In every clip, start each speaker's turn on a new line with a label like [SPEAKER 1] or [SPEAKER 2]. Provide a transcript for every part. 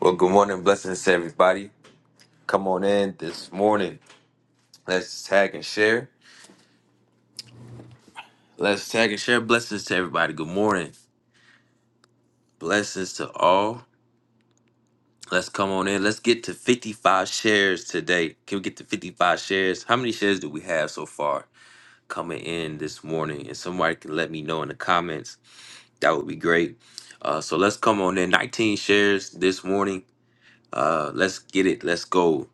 [SPEAKER 1] Well, good morning, blessings to everybody. Come on in this morning. Let's tag and share. Let's tag and share. Blessings to everybody. Good morning. Blessings to all. Let's come on in. Let's get to 55 shares today. Can we get to 55 shares? How many shares do we have so far coming in this morning? And somebody can let me know in the comments. That would be great. Uh, so let's come on in. 19 shares this morning. Uh, let's get it. Let's go.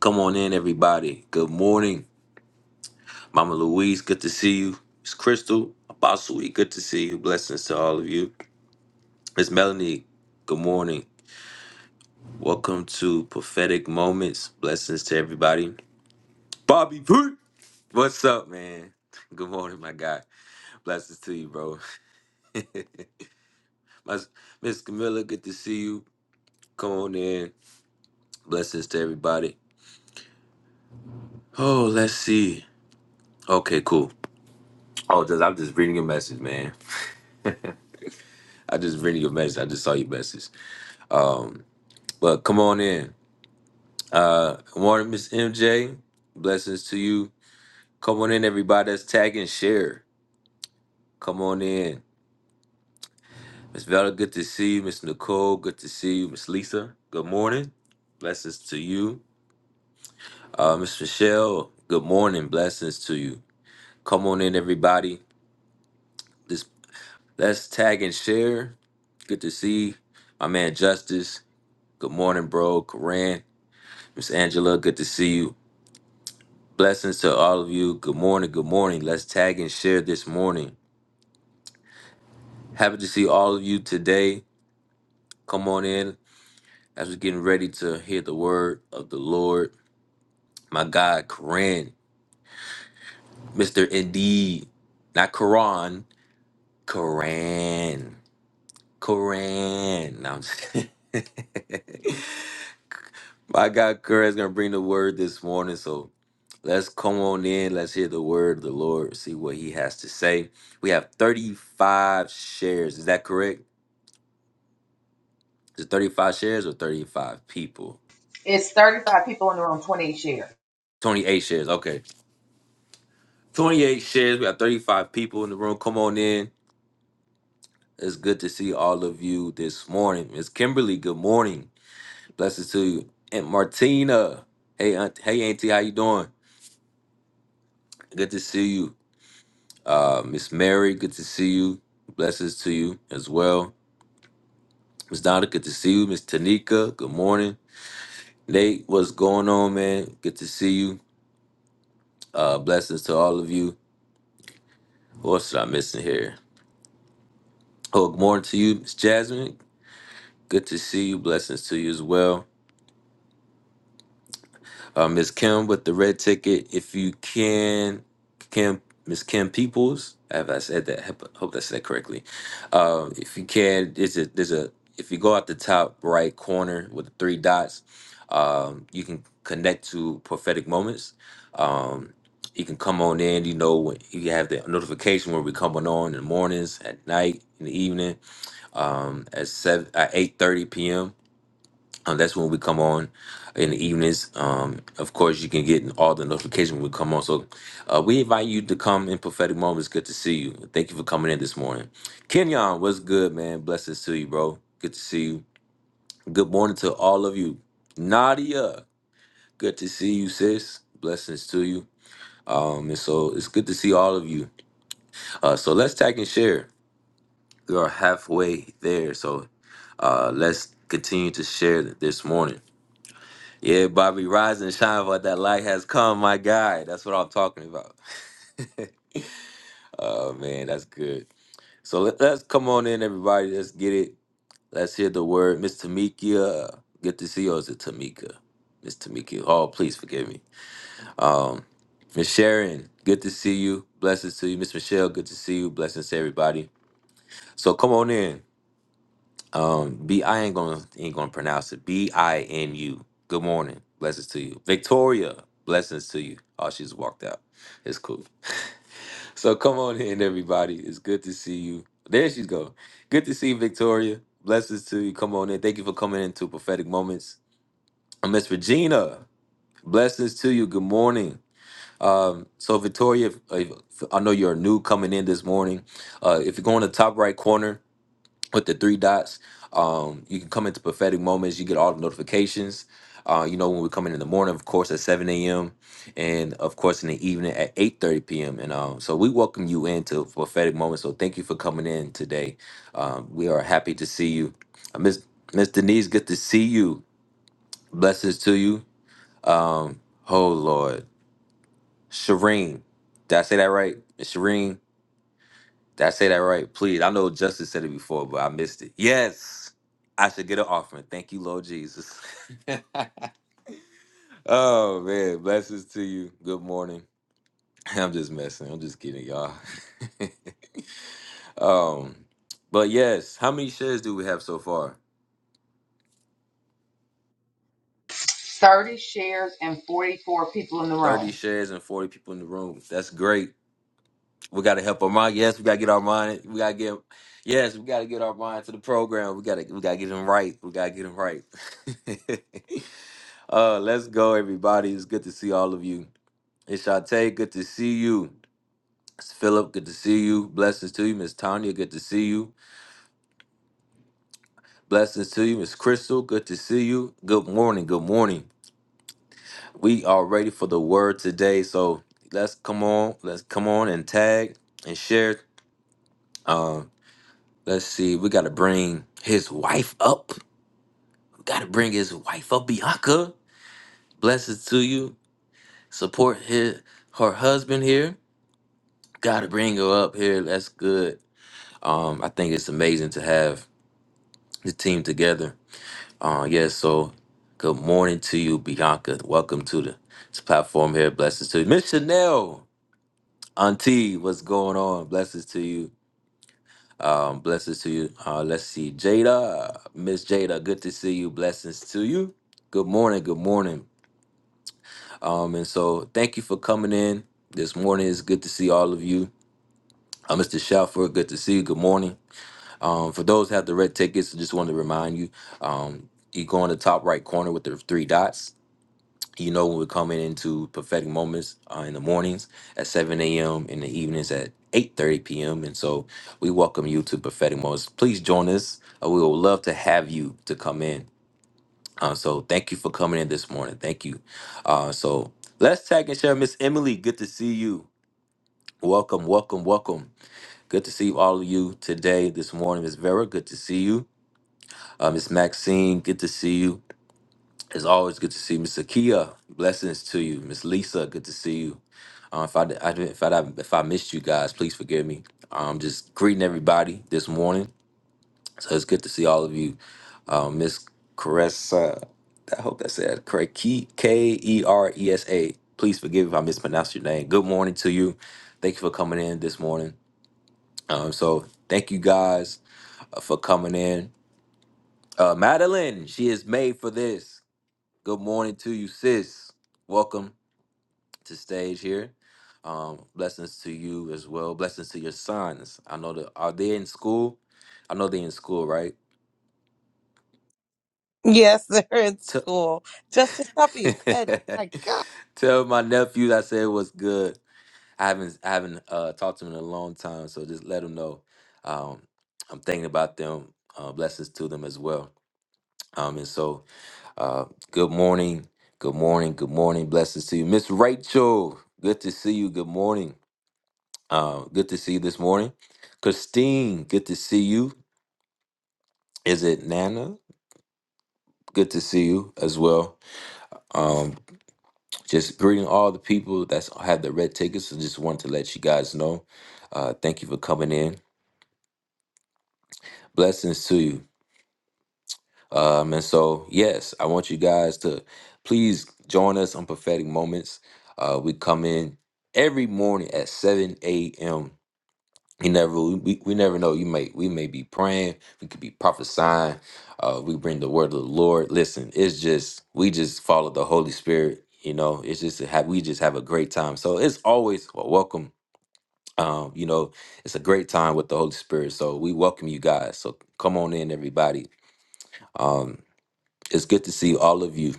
[SPEAKER 1] Come on in, everybody. Good morning. Mama Louise, good to see you. Miss Crystal, Apostle E, good to see you. Blessings to all of you. Miss Melanie, good morning. Welcome to Prophetic Moments. Blessings to everybody. Bobby P, what's up, man? Good morning, my guy. Blessings to you, bro. My- Miss Camilla, good to see you. Come on in. Blessings to everybody. Oh, let's see. Okay, cool. Oh, just I'm just reading your message, man. I just reading your message. I just saw your message. Um, but come on in. Uh, morning, Miss MJ. Blessings to you. Come on in, everybody. That's tag and share. Come on in. Miss Vela, good to see you. Miss Nicole, good to see you. Miss Lisa, good morning. Blessings to you. Uh, Miss Michelle, good morning. Blessings to you. Come on in, everybody. This let's tag and share. Good to see you. my man Justice. Good morning, bro. Koran, Miss Angela, good to see you. Blessings to all of you. Good morning. Good morning. Let's tag and share this morning. Happy to see all of you today. Come on in as we're getting ready to hear the word of the Lord. My God, Koran, Mr. Indeed, not Quran, Koran, Koran. No, I'm just My God, Koran's going to bring the word this morning. So let's come on in. Let's hear the word of the Lord, see what he has to say. We have 35 shares. Is that correct? Is it 35 shares or 35 people?
[SPEAKER 2] It's 35 people in the room, 28 shares.
[SPEAKER 1] 28 shares. Okay. 28 shares. We got 35 people in the room. Come on in. It's good to see all of you this morning. Miss Kimberly, good morning. Blessings to you. Aunt Martina. Hey, aunt, hey, Auntie, how you doing? Good to see you. Uh, Miss Mary, good to see you. Blessings to you as well. Miss Donna, good to see you. Miss Tanika, good morning. Nate, what's going on, man? Good to see you. Uh, blessings to all of you. What else did I miss in here? Oh, good morning to you, Miss Jasmine. Good to see you. Blessings to you as well. Uh, Ms. Kim with the red ticket, if you can, Kim, Ms. Kim Peoples, have I said that? Hope hope I said that correctly. Uh, if you can, there's a, there's a, if you go out the top right corner with the three dots, um, you can connect to prophetic moments. Um, you can come on in, you know, when you have the notification where we come on in the mornings, at night, in the evening, um, at seven, at eight thirty p.m um, that's when we come on in the evenings. Um, of course, you can get all the notifications when we come on. So uh, we invite you to come in prophetic moments. Good to see you. Thank you for coming in this morning. Kenyon, what's good, man? Blessings to you, bro. Good to see you. Good morning to all of you. Nadia, good to see you, sis. Blessings to you. Um, and so it's good to see all of you. Uh, so let's tag and share. We are halfway there. So uh, let's continue to share this morning. Yeah, Bobby, rise and shine, for that light has come, my guy. That's what I'm talking about. oh man, that's good. So let, us come on in, everybody. Let's get it. Let's hear the word, Miss Tamika. Good to see you, or is it Tamika? Miss Tamika. Oh, please forgive me. Um, Miss Sharon, good to see you. Blessings to you, Miss Michelle. Good to see you. Blessings to everybody. So come on in. Um, B I ain't gonna ain't gonna pronounce it. B I N U. Good morning, blessings to you, Victoria. Blessings to you. Oh, she's walked out. It's cool. So come on in, everybody. It's good to see you. There she's go. Good to see you, Victoria. Blessings to you. Come on in. Thank you for coming into prophetic moments. Uh, Miss Regina. Blessings to you. Good morning. Um, so Victoria, if- if- I know you're new coming in this morning. Uh, if you go in the top right corner with the three dots. Um, you can come into prophetic moments. You get all the notifications. Uh, you know when we come in in the morning, of course, at 7 a.m. and of course in the evening at 8:30 p.m. And um, so we welcome you into prophetic moments. So thank you for coming in today. Um, we are happy to see you, uh, Miss Miss Denise. Good to see you. Blessings to you. Um, oh Lord, Shireen, did I say that right? Miss Shireen, did I say that right? Please. I know Justice said it before, but I missed it. Yes. I should get an offering. Thank you, Lord Jesus. oh man, blessings to you. Good morning. I'm just messing. I'm just kidding, y'all. um, but yes, how many shares do we have so far?
[SPEAKER 2] 30 shares and 44 people in the
[SPEAKER 1] 30
[SPEAKER 2] room.
[SPEAKER 1] shares and 40 people in the room. That's great. We gotta help our mind. Yes, we gotta get our mind. We gotta get yes, we gotta get our mind to the program. We gotta we gotta get them right. We gotta get them right. Uh, let's go, everybody. It's good to see all of you. It's Shante, good to see you. It's Philip, good to see you. Blessings to you, Miss Tanya, good to see you. Blessings to you, Miss Crystal, good to see you. Good morning, good morning. We are ready for the word today, so let's come on, let's come on and tag and share. Um, let's see, we gotta bring his wife up. We gotta bring his wife up, Bianca. Blessings to you. Support his her husband here. Gotta bring her up here. That's good. Um, I think it's amazing to have the team together. Uh, yes. so good morning to you, Bianca. Welcome to the this platform here. Blessings to you, Miss Chanel. Auntie, what's going on? Blessings to you. Um, blessings to you. Uh, let's see, Jada, Miss Jada. Good to see you. Blessings to you. Good morning. Good morning. Um, and so thank you for coming in this morning. It's good to see all of you. Uh, Mr. Shalford, good to see you. Good morning. Um, for those who have the red tickets, just wanted to remind you, um, you go in the top right corner with the three dots. You know when we're coming into prophetic moments uh, in the mornings at 7 a.m. in the evenings at 8:30 p.m. And so we welcome you to prophetic moments. Please join us. Uh, we would love to have you to come in. Uh, so thank you for coming in this morning. Thank you. Uh, so let's tag and share. Miss Emily, good to see you. Welcome, welcome, welcome. Good to see all of you today, this morning. Miss Vera, good to see you. Uh, Miss Maxine, good to see you. It's always good to see you. Miss Akia, blessings to you. Miss Lisa, good to see you. Uh, if I, di- I didn't- if I if I missed you guys, please forgive me. Um, just greeting everybody this morning. So it's good to see all of you. Uh, Miss Caressa, I hope that's said correct. K E R E S A. Please forgive if I mispronounced your name. Good morning to you. Thank you for coming in this morning. Um, so thank you guys uh, for coming in. Uh, Madeline, she is made for this. Good morning to you, sis. Welcome to stage here. Um, blessings to you as well. Blessings to your sons. I know that are they in school? I know they in school, right?
[SPEAKER 3] Yes, they're in
[SPEAKER 1] Tell,
[SPEAKER 3] school. Just to stop being petty. My God.
[SPEAKER 1] tell my nephews I said what's good. I haven't I haven't uh, talked to them in a long time, so just let them know. Um, I'm thinking about them. Uh, blessings to them as well. Um, and so, uh, good morning, good morning, good morning. Blessings to you, Miss Rachel. Good to see you. Good morning. Uh, good to see you this morning. Christine, good to see you. Is it Nana? Good to see you as well. Um, just greeting all the people that's have the red tickets. and just wanted to let you guys know. Uh, thank you for coming in. Blessings to you. Um, and so, yes, I want you guys to please join us on Prophetic Moments. Uh, we come in every morning at 7 a.m. You never we, we we never know. You may we may be praying, we could be prophesying, uh, we bring the word of the Lord. Listen, it's just we just follow the Holy Spirit, you know. It's just a we just have a great time. So it's always well, welcome. Um, you know, it's a great time with the Holy Spirit. So we welcome you guys. So come on in, everybody. Um, it's good to see all of you.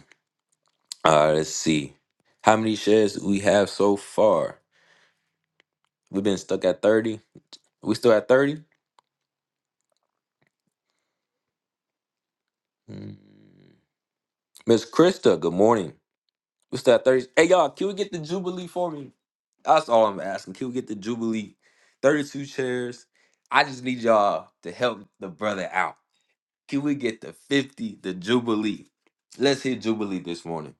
[SPEAKER 1] Uh let's see. How many shares we have so far? We've been stuck at 30. We still at 30? Miss Krista, good morning. What's that? Thirty. Hey y'all, can we get the Jubilee for me? That's all I'm asking. Can we get the Jubilee? Thirty-two chairs. I just need y'all to help the brother out. Can we get the fifty? The Jubilee. Let's hit Jubilee this morning,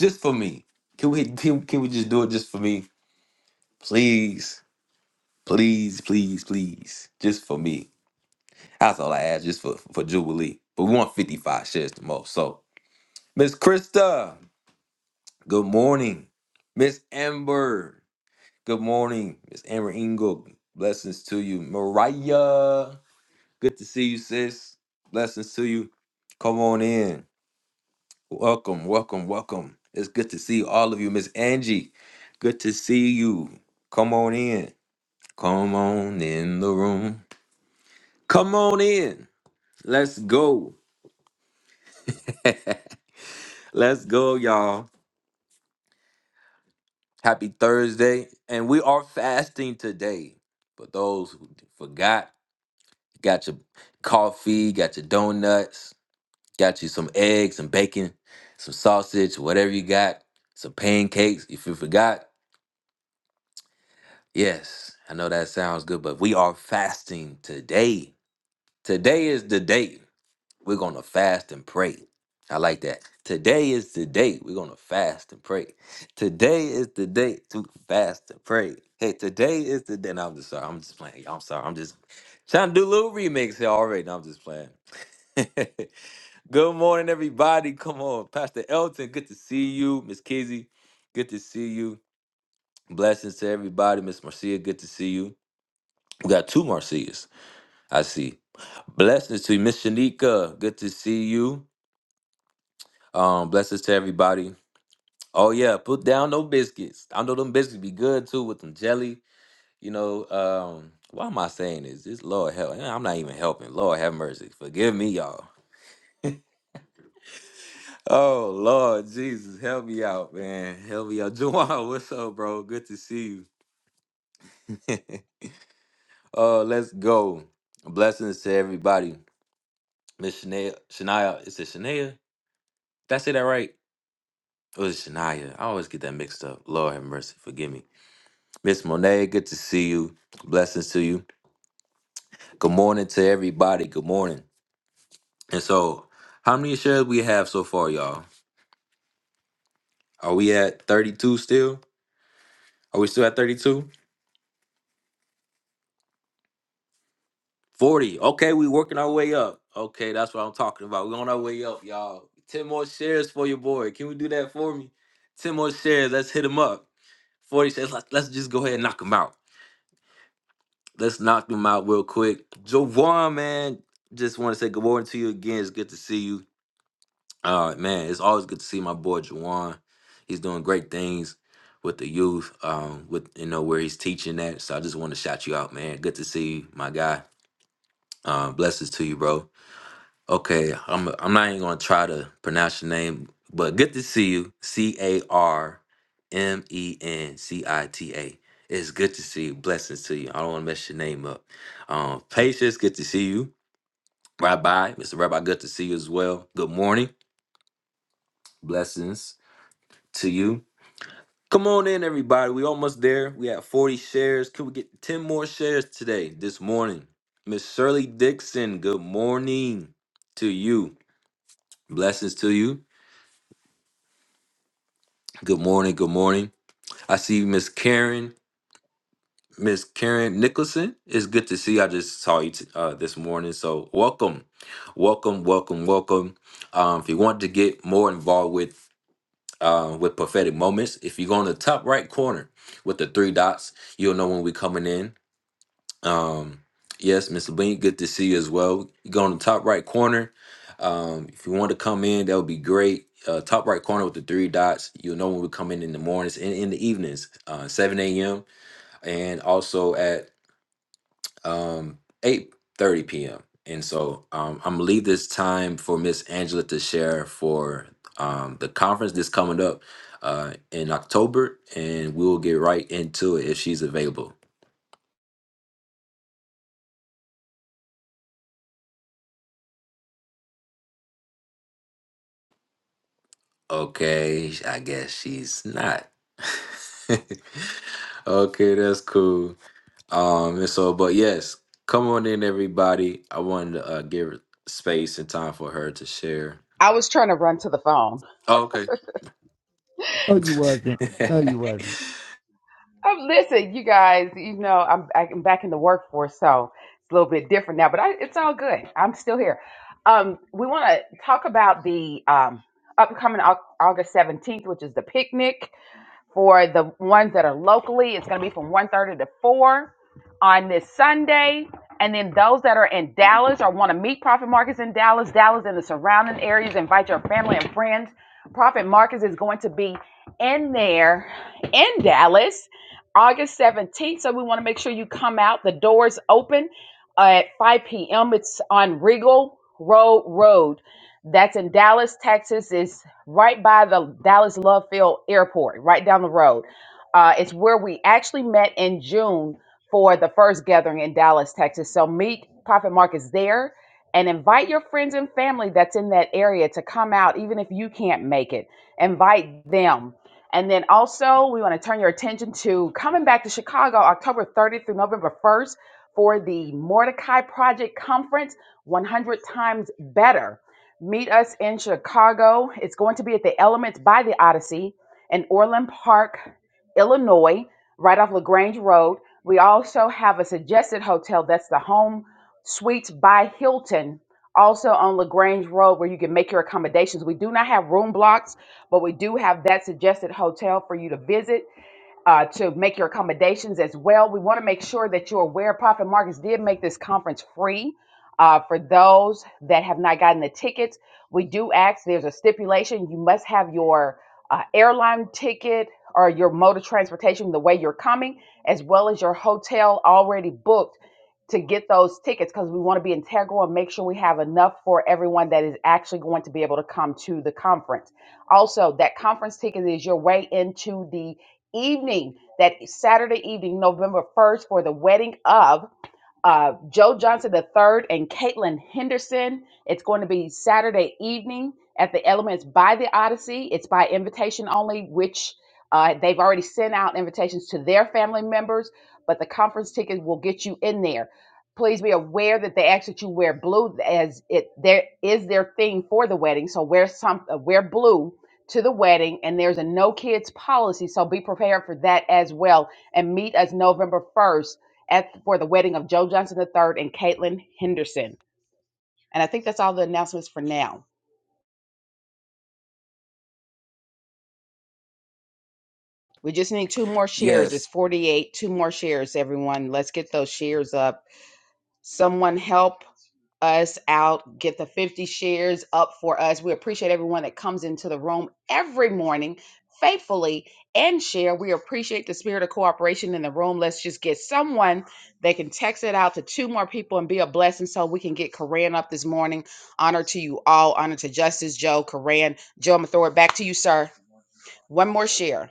[SPEAKER 1] just for me. Can we? Can, can we just do it just for me, please, please, please, please, just for me. That's all I ask, just for for Jubilee. But we want fifty-five shares the most. So, Miss Krista, good morning. Miss Amber. Good morning, Miss Amber Ingle. Blessings to you. Mariah, good to see you, sis. Blessings to you. Come on in. Welcome, welcome, welcome. It's good to see all of you. Miss Angie, good to see you. Come on in. Come on in the room. Come on in. Let's go. Let's go, y'all. Happy Thursday. And we are fasting today. For those who forgot, Got your coffee, got your donuts, got you some eggs, some bacon, some sausage, whatever you got, some pancakes. If you forgot, yes, I know that sounds good, but we are fasting today. Today is the day we're going to fast and pray. I like that. Today is the day we're going to fast and pray. Today is the day to fast and pray. Hey, today is the day. No, I'm just sorry. I'm just playing. I'm sorry. I'm just trying to do a little remix here already. No, I'm just playing. Good morning, everybody. Come on, Pastor Elton. Good to see you, Miss Kizzy. Good to see you. Blessings to everybody, Miss Marcia. Good to see you. We got two Marcias. I see. Blessings to you, Miss Shanika. Good to see you. Um, blessings to everybody. Oh yeah, put down those biscuits. I know them biscuits be good too with them jelly. You know, um, why am I saying this? This Lord help. I'm not even helping. Lord have mercy. Forgive me, y'all. Oh Lord Jesus, help me out, man. Help me out. Juwan, what's up, bro? Good to see you. uh let's go. Blessings to everybody. Miss Shania Shania, is it Shania? Did I say that right? Or is it Shania? I always get that mixed up. Lord have mercy, forgive me. Miss Monet, good to see you. Blessings to you. Good morning to everybody. Good morning. And so, how many shares we have so far, y'all? Are we at 32 still? Are we still at 32? 40. Okay, we working our way up. Okay, that's what I'm talking about. we on our way up, y'all. 10 more shares for your boy. Can we do that for me? 10 more shares. Let's hit him up. 40 shares. Let's, let's just go ahead and knock him out. Let's knock them out real quick. Jawan, man, just want to say good morning to you again. It's good to see you. Uh, man, it's always good to see my boy Jawan. He's doing great things with the youth, um, with you know where he's teaching at. So I just want to shout you out, man. Good to see you, my guy. Um, blessings to you, bro. Okay, I'm I'm not even gonna try to pronounce your name, but good to see you. C A R M E N C I T A. It's good to see you. Blessings to you. I don't want to mess your name up. Um, Patience, good to see you. Rabbi, Mr. Rabbi, good to see you as well. Good morning. Blessings to you. Come on in, everybody. We almost there. We have 40 shares. Could we get 10 more shares today, this morning? Miss Shirley Dixon, good morning to you. Blessings to you. Good morning. Good morning. I see Miss Karen. Miss Karen Nicholson. It's good to see. you. I just saw you t- uh, this morning. So welcome, welcome, welcome, welcome. Um, if you want to get more involved with uh, with prophetic moments, if you go on the top right corner with the three dots, you'll know when we're coming in. Um, yes, Mr. Bean, good to see you as well. You go on the top right corner. Um, if you want to come in, that would be great. Uh, top right corner with the three dots. You'll know when we come in in the mornings and in the evenings, uh, 7 a.m. and also at um, 8 p.m. And so um, I'm gonna leave this time for Miss Angela to share for um, the conference that's coming up uh, in October, and we'll get right into it if she's available. Okay, sh- I guess she's not. Okay, that's cool. Um, and so, but yes, come on in, everybody. I wanted to uh, give space and time for her to share.
[SPEAKER 2] I was trying to run to the phone.
[SPEAKER 1] Oh, okay.
[SPEAKER 4] No, you wasn't. No, you wasn't.
[SPEAKER 2] Um, listen, you guys, you know, I'm, I'm back in the workforce, so it's a little bit different now, but I, it's all good. I'm still here. Um, we want to talk about the um, upcoming Au- August 17th, which is the picnic. For the ones that are locally, it's going to be from one thirty to 4 on this Sunday. And then those that are in Dallas or want to meet Prophet Marcus in Dallas, Dallas and the surrounding areas, invite your family and friends. Prophet Marcus is going to be in there in Dallas August 17th. So we want to make sure you come out. The doors open at 5 p.m. It's on Regal Road Road. That's in Dallas, Texas. It's right by the Dallas Love Field Airport, right down the road. Uh, it's where we actually met in June for the first gathering in Dallas, Texas. So meet Prophet Marcus there and invite your friends and family that's in that area to come out, even if you can't make it. Invite them. And then also, we want to turn your attention to coming back to Chicago October 30th through November 1st for the Mordecai Project Conference 100 Times Better. Meet us in Chicago. It's going to be at the Elements by the Odyssey in Orland Park, Illinois, right off LaGrange Road. We also have a suggested hotel that's the Home Suites by Hilton, also on LaGrange Road, where you can make your accommodations. We do not have room blocks, but we do have that suggested hotel for you to visit uh, to make your accommodations as well. We want to make sure that you're aware. Profit Markets did make this conference free uh, for those that have not gotten the tickets. We do ask, there's a stipulation, you must have your uh, airline ticket or your mode of transportation the way you're coming, as well as your hotel already booked to get those tickets because we want to be integral and make sure we have enough for everyone that is actually going to be able to come to the conference. Also, that conference ticket is your way into the evening, that Saturday evening, November 1st, for the wedding of uh, Joe Johnson III and Caitlin Henderson. It's going to be Saturday evening at the Elements by the Odyssey. It's by invitation only, which uh, they've already sent out invitations to their family members, but the conference ticket will get you in there. Please be aware that they ask that you wear blue, as it there is their theme for the wedding. So wear some, uh, wear blue to the wedding, and there's a no kids policy. So be prepared for that as well, and meet us November first at for the wedding of Joe Johnson III and Caitlin Henderson. And I think that's all the announcements for now. We just need two more shares. It's
[SPEAKER 1] Yes,
[SPEAKER 2] 48, two more shares, everyone. Let's get those shares up. Someone help us out, get the 50 shares up for us. We appreciate everyone that comes into the room every morning faithfully and share. We appreciate the spirit of cooperation in the room. Let's just get someone that can text it out to two more people and be a blessing so we can get Koran up this morning. Honor to you all. Honor to Justice Joe, Koran. Joe, I'm going to throw it back to you, sir. One more share.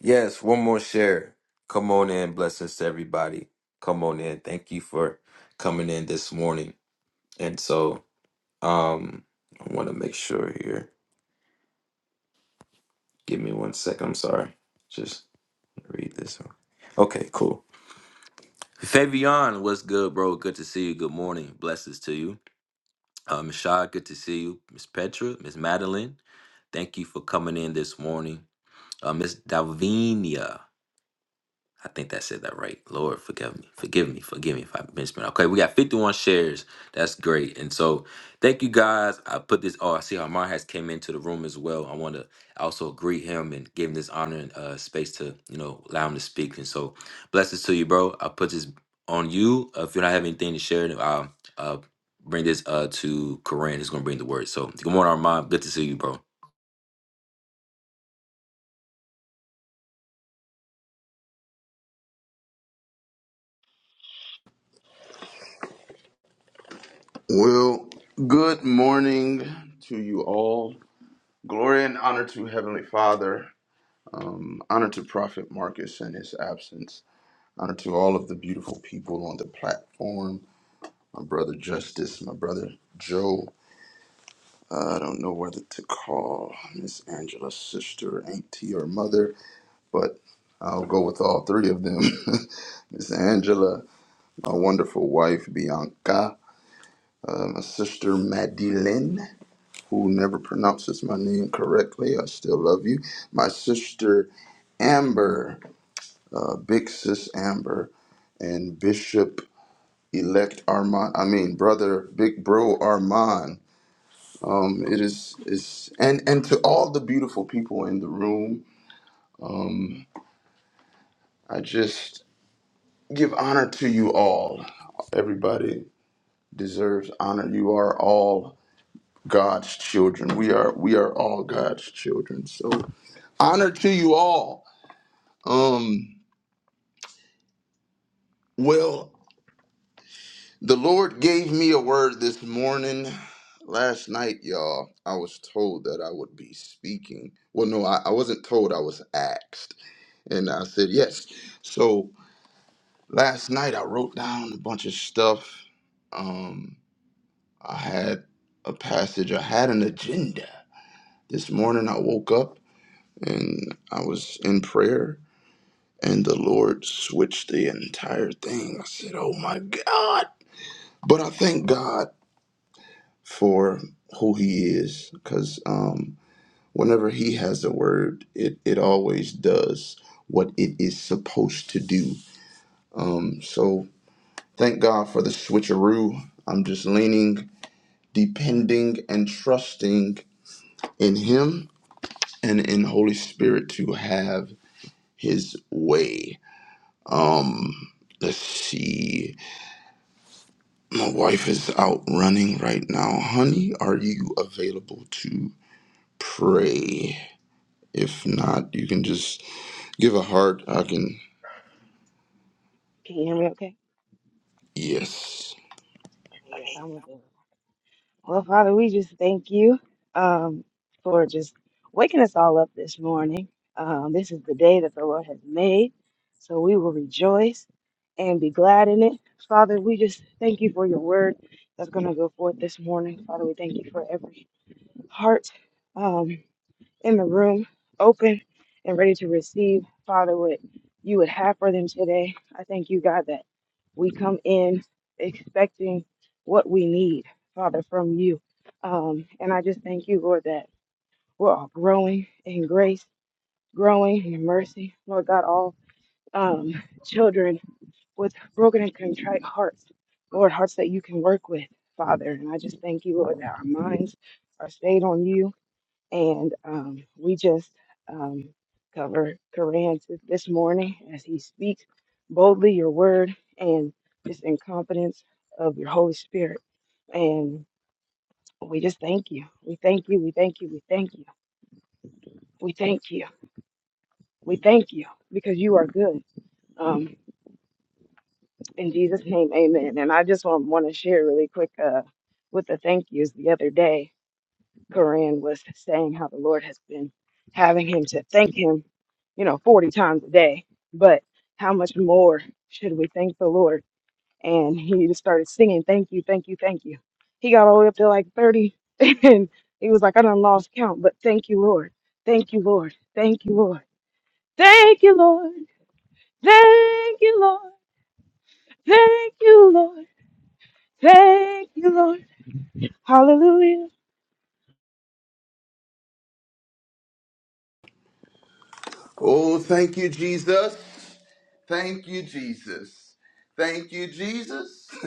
[SPEAKER 1] yes, one more share. Come on in, blessings to everybody. Come on in. Thank you for coming in this morning. And so, um, I want to make sure here. Give me one second. I'm sorry. Just Read this one. Okay, cool. Fabian, what's good, bro? Good to see you. Good morning. Blessings to you. Uh, Ms. Shah, good to see you. Miss Petra, Miss Madeline, thank you for coming in this morning. Uh, Miss Davinia. I think that said that right. Lord, forgive me. Forgive me. Forgive me if I've been spent. Okay, we got 51 shares. That's great. And so thank you guys. I put this. Oh, I see how Mar has came into the room as well. I want to also greet him and give him this honor and uh, space to, you know, allow him to speak. And so blessings to you, bro. I put this on you. Uh, if you don't have anything to share, then I'll uh, bring this uh, to Corinne. It's going to bring the word. So good morning, Armand. Good to see you, bro.
[SPEAKER 5] Well, good morning to you all. Glory and honor to Heavenly Father. Um, honor to Prophet Marcus and his absence. Honor to all of the beautiful people on the platform. My brother Justice, my brother Joe. Uh, I don't know whether to call Miss Angela's sister, auntie, or mother, but I'll go with all three of them. Miss Angela, my wonderful wife Bianca, uh, my sister Madeline, who never pronounces my name correctly. I still love you. My sister Amber, uh, big sis Amber, and Bishop elect Armand. I mean, brother, big bro Armand. Um, it is is and and to all the beautiful people in the room. I just give honor to you all. Everybody deserves honor. You are all God's children. We are we are all God's children. So honor to you all. Um, Well, the Lord gave me a word this morning. Last night, y'all, I was told that I would be speaking. Well, no, I, I wasn't told, I was asked. And I said yes. So last night, I wrote down a bunch of stuff. Um, I had a passage, I had an agenda. This morning, I woke up and I was in prayer, and the Lord switched the entire thing. I said, Oh my God. But I thank God. for who he is because um, whenever he has a word it, it always does what it is supposed to do um, so thank god for the switcheroo i'm just leaning depending and trusting in him and in holy spirit to have his way um let's see my wife is out running right now honey are you available to pray If not, you can just give a
[SPEAKER 6] Mhm.
[SPEAKER 5] heart. I can,
[SPEAKER 6] Can you hear me okay?
[SPEAKER 5] yes.
[SPEAKER 6] Okay, yes, I'm with you. Well, Father, we just thank you um, for just waking us all up this morning. Um, this is the day that the Lord has made, so we will rejoice and be glad in it. Father, we just thank you for your word that's going to go forth this morning. Father, we thank you for every heart. Um, in the room, open and ready to receive, Father, what you would have for them today. I thank you, God, that we come in expecting what we need, Father, from you. Um, and I just thank you, Lord, that we're all growing in grace, growing in mercy. Lord God, all um, children with broken and contrite hearts, Lord, hearts that you can work with, Father. And I just thank you, Lord, that our minds are stayed on you and um, we just um, cover Koran t- this morning as he speaks boldly your word and just in confidence of your Holy Spirit. And we just thank you. We thank you. We thank you. We thank you. We thank you. We thank you because you are good. Um, in Jesus' name, amen. And I just want, want to share really quick uh, with the thank yous the other day. Koran was saying how the Lord has been having him to thank him, you know, 40 times a day. But how much more should we thank the Lord? And he just started singing, Thank you, thank you, thank you. He got all the way up to like 30 and he was like, I done lost count, but thank you, Lord. Thank you, Lord. Thank you, Lord. Thank you, Lord. Thank you, Lord. Thank you, Lord. Thank you, Lord. Hallelujah.
[SPEAKER 5] Oh, thank you, Jesus. Thank you, Jesus. Thank you, Jesus.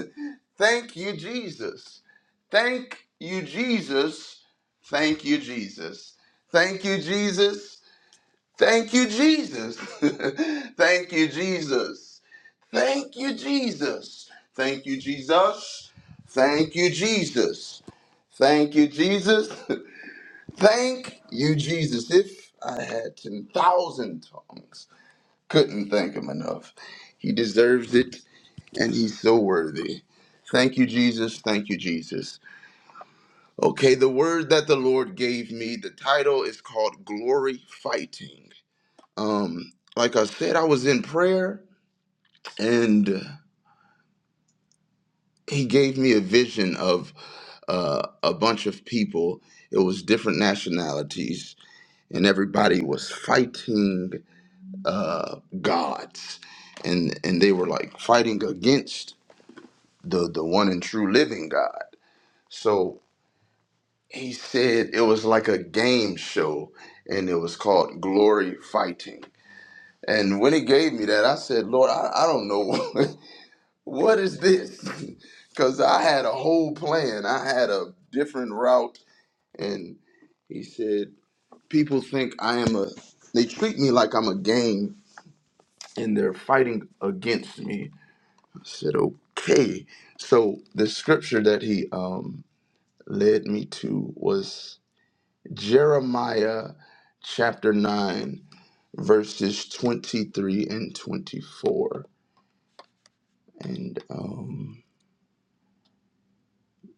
[SPEAKER 5] Thank you, Jesus. Thank you, Jesus. Thank you, Jesus. Thank you, Jesus. Thank you, Jesus. Thank you, Jesus. Thank you, Jesus. Thank you, Jesus. Thank you, Jesus. Thank you, Jesus. Thank you, Jesus. If I had 10,000 tongues, couldn't thank him enough. He deserves it, and he's so worthy. Thank you, Jesus. Thank you, Jesus. Okay, the word that the Lord gave me, the title is called Glory Fighting. Um, like I said, I was in prayer, and he gave me a vision of uh, a bunch of people. It was different nationalities, and everybody was fighting uh, gods, and and they were like fighting against the the one and true living God. So he said it was like a game show, and it was called Glory Fighting. And when he gave me that, I said, Lord, I, I don't know what is this, because I had a whole plan. I had a different route, and he said, people think I am a. They treat me like I'm a game, and they're fighting against me I said, okay. So the scripture that he um, led me to was Jeremiah chapter 9, verses 23 and 24. And um,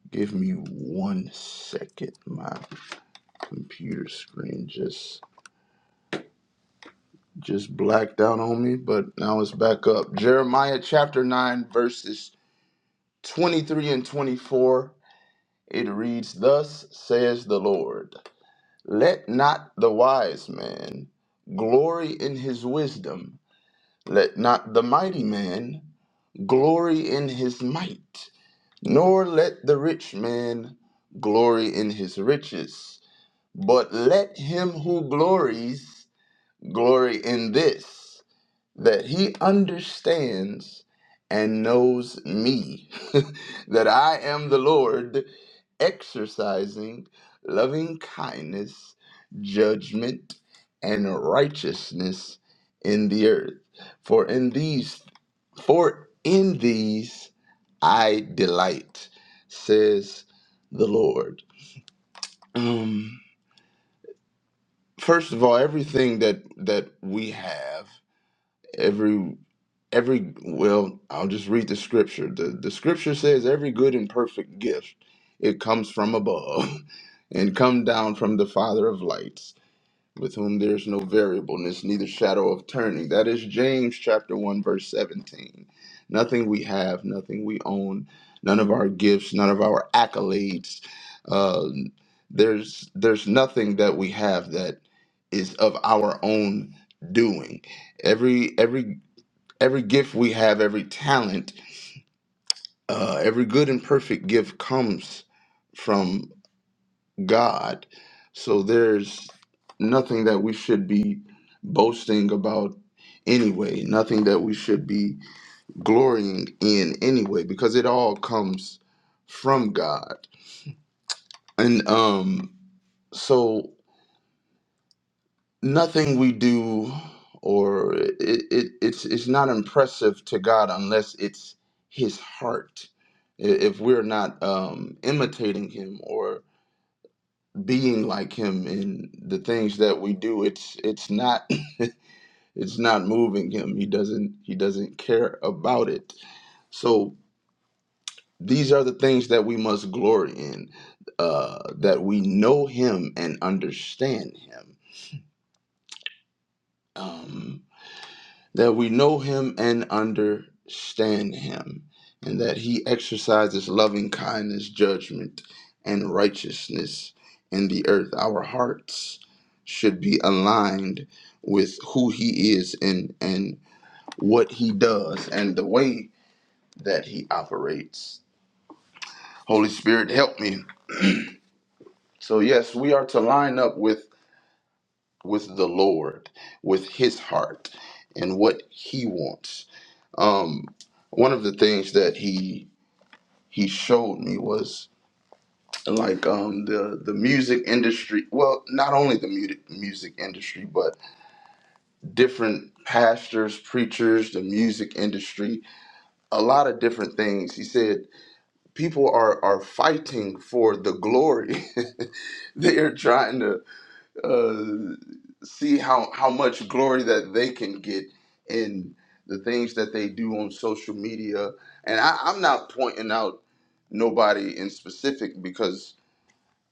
[SPEAKER 5] give me one second. My computer screen just just blacked out on me, but now it's back up. Jeremiah chapter 9, verses 23 and 24. It reads, Thus says the Lord. Let not the wise man glory in his wisdom, let not the mighty man glory in his might, nor let the rich man glory in his riches, but let him who glories glory in this that he understands and knows me, that I am the Lord exercising loving kindness, judgment, and righteousness in the earth. For in these for in these I delight, says the Lord. Um, first of all, everything that that we have, every well i'll just read the scripture the, the scripture says every good and perfect gift it comes from above and come down from the father of lights with whom there's no variableness neither shadow of turning that is james chapter 1 verse 17 nothing we have nothing we own none of our gifts none of our accolades uh, there's there's nothing that we have that is of our own doing every every every gift we have, every talent, uh, every good and perfect gift comes from God. So there's nothing that we should be boasting about anyway, nothing that we should be glorying in anyway, because it all comes from God. And um, so nothing we do or it, it it's it's not impressive to God unless it's his heart I- if we're not um imitating him or being like him in the things that we do it's it's not it's not moving him he doesn't he doesn't care about it so these are the things that we must glory in uh that we know him and understand him Um, that we know him and understand him, and that he exercises loving kindness, judgment, and righteousness in the earth. Our hearts should be aligned with who he is and, and what he does and the way that he operates. Holy Spirit, help me. So yes, we are to line up with with the Lord, with his heart and what he wants Um, one of the things that he he showed me was like um, the the music industry. Well, not only the music music industry, but different pastors, preachers, the music industry, a lot of different things. He said people are are fighting for the glory. they are trying to uh, see how how much glory that they can get in the things that they do on social media. And I, I'm not pointing out nobody in specific because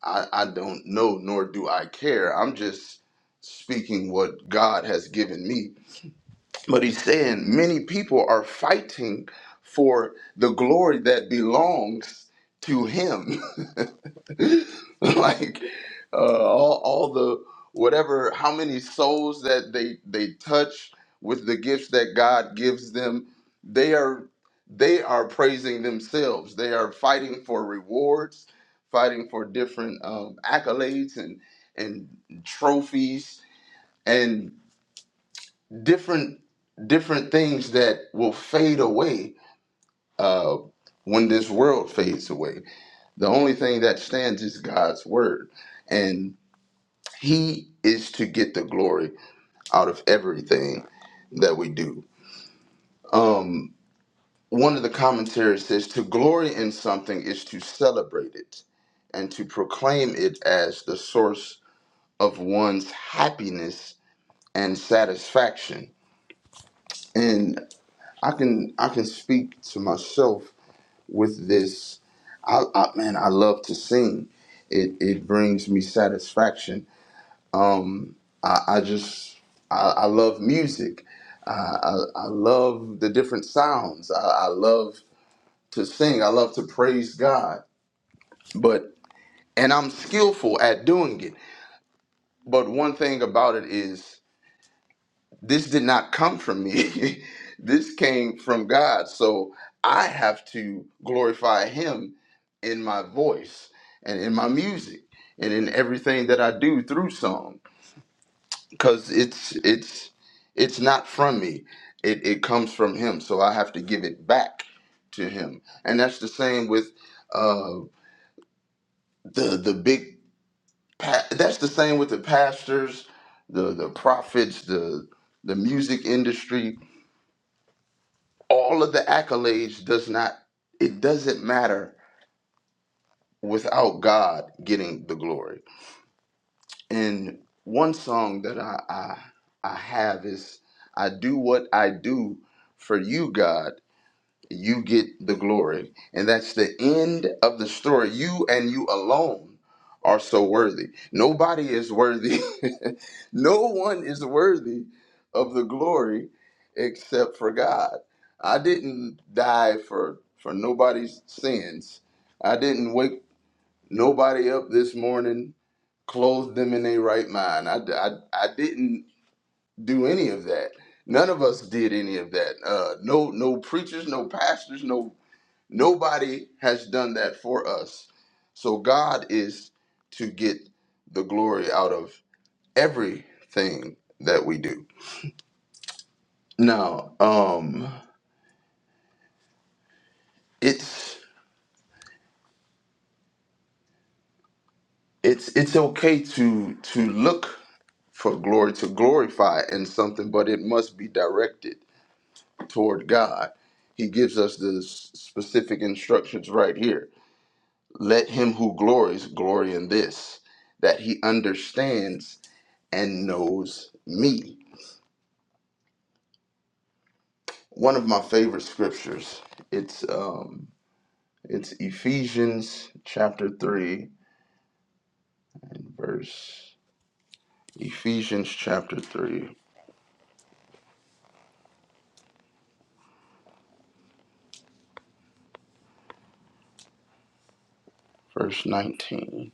[SPEAKER 5] I, I don't know nor do I care. I'm just speaking what God has given me. But he's saying many people are fighting for the glory that belongs to him. like uh, all, all the whatever how many souls that they they touch with the gifts that god gives them they are they are praising themselves they are fighting for rewards fighting for different um, accolades and and trophies and different different things that will fade away uh, when this world fades away the only thing that stands is god's word and he is to get the glory out of everything that we do. Um, one of the commentaries says to glory in something is to celebrate it and to proclaim it as the source of one's happiness and satisfaction. And I can I can speak to myself with this. I, I man, I love to sing. It it brings me satisfaction Um, I, I just I, I love music. I, I, I love the different sounds. I, I love to sing. I love to praise God. But and I'm skillful at doing it. But one thing about it is this did not come from me. this came from God. So I have to glorify Him in my voice and in my music and in everything that I do through song. because it's it's it's not from me it, it comes from him so i have to give it back to him and that's the same with uh the the big pa- that's the same with the pastors the the prophets the the music industry all of the accolades does not it doesn't matter without god getting the glory and one song that i i, I have is i do what i do for you god you get the glory. And that's the end of the story. You and you alone are so worthy. Nobody is worthy. no one is worthy of the glory except for God. I didn't die for for nobody's sins. I didn't wake nobody up this morning, clothe them in their right mind. I, I, I didn't do any of that. None of us did any of that. Uh, no, no preachers, no pastors, no Nobody has done that for us. So God is to get the glory out of everything that we do. Now, um it's it's it's okay to to look for glory to glorify in something, but it must be directed toward God. He gives us the s- specific instructions right here. Let him who glories glory in this, that he understands and knows me. one of my favorite scriptures. It's um it's Ephesians chapter 3 and verse Ephesians chapter 3 verse 19.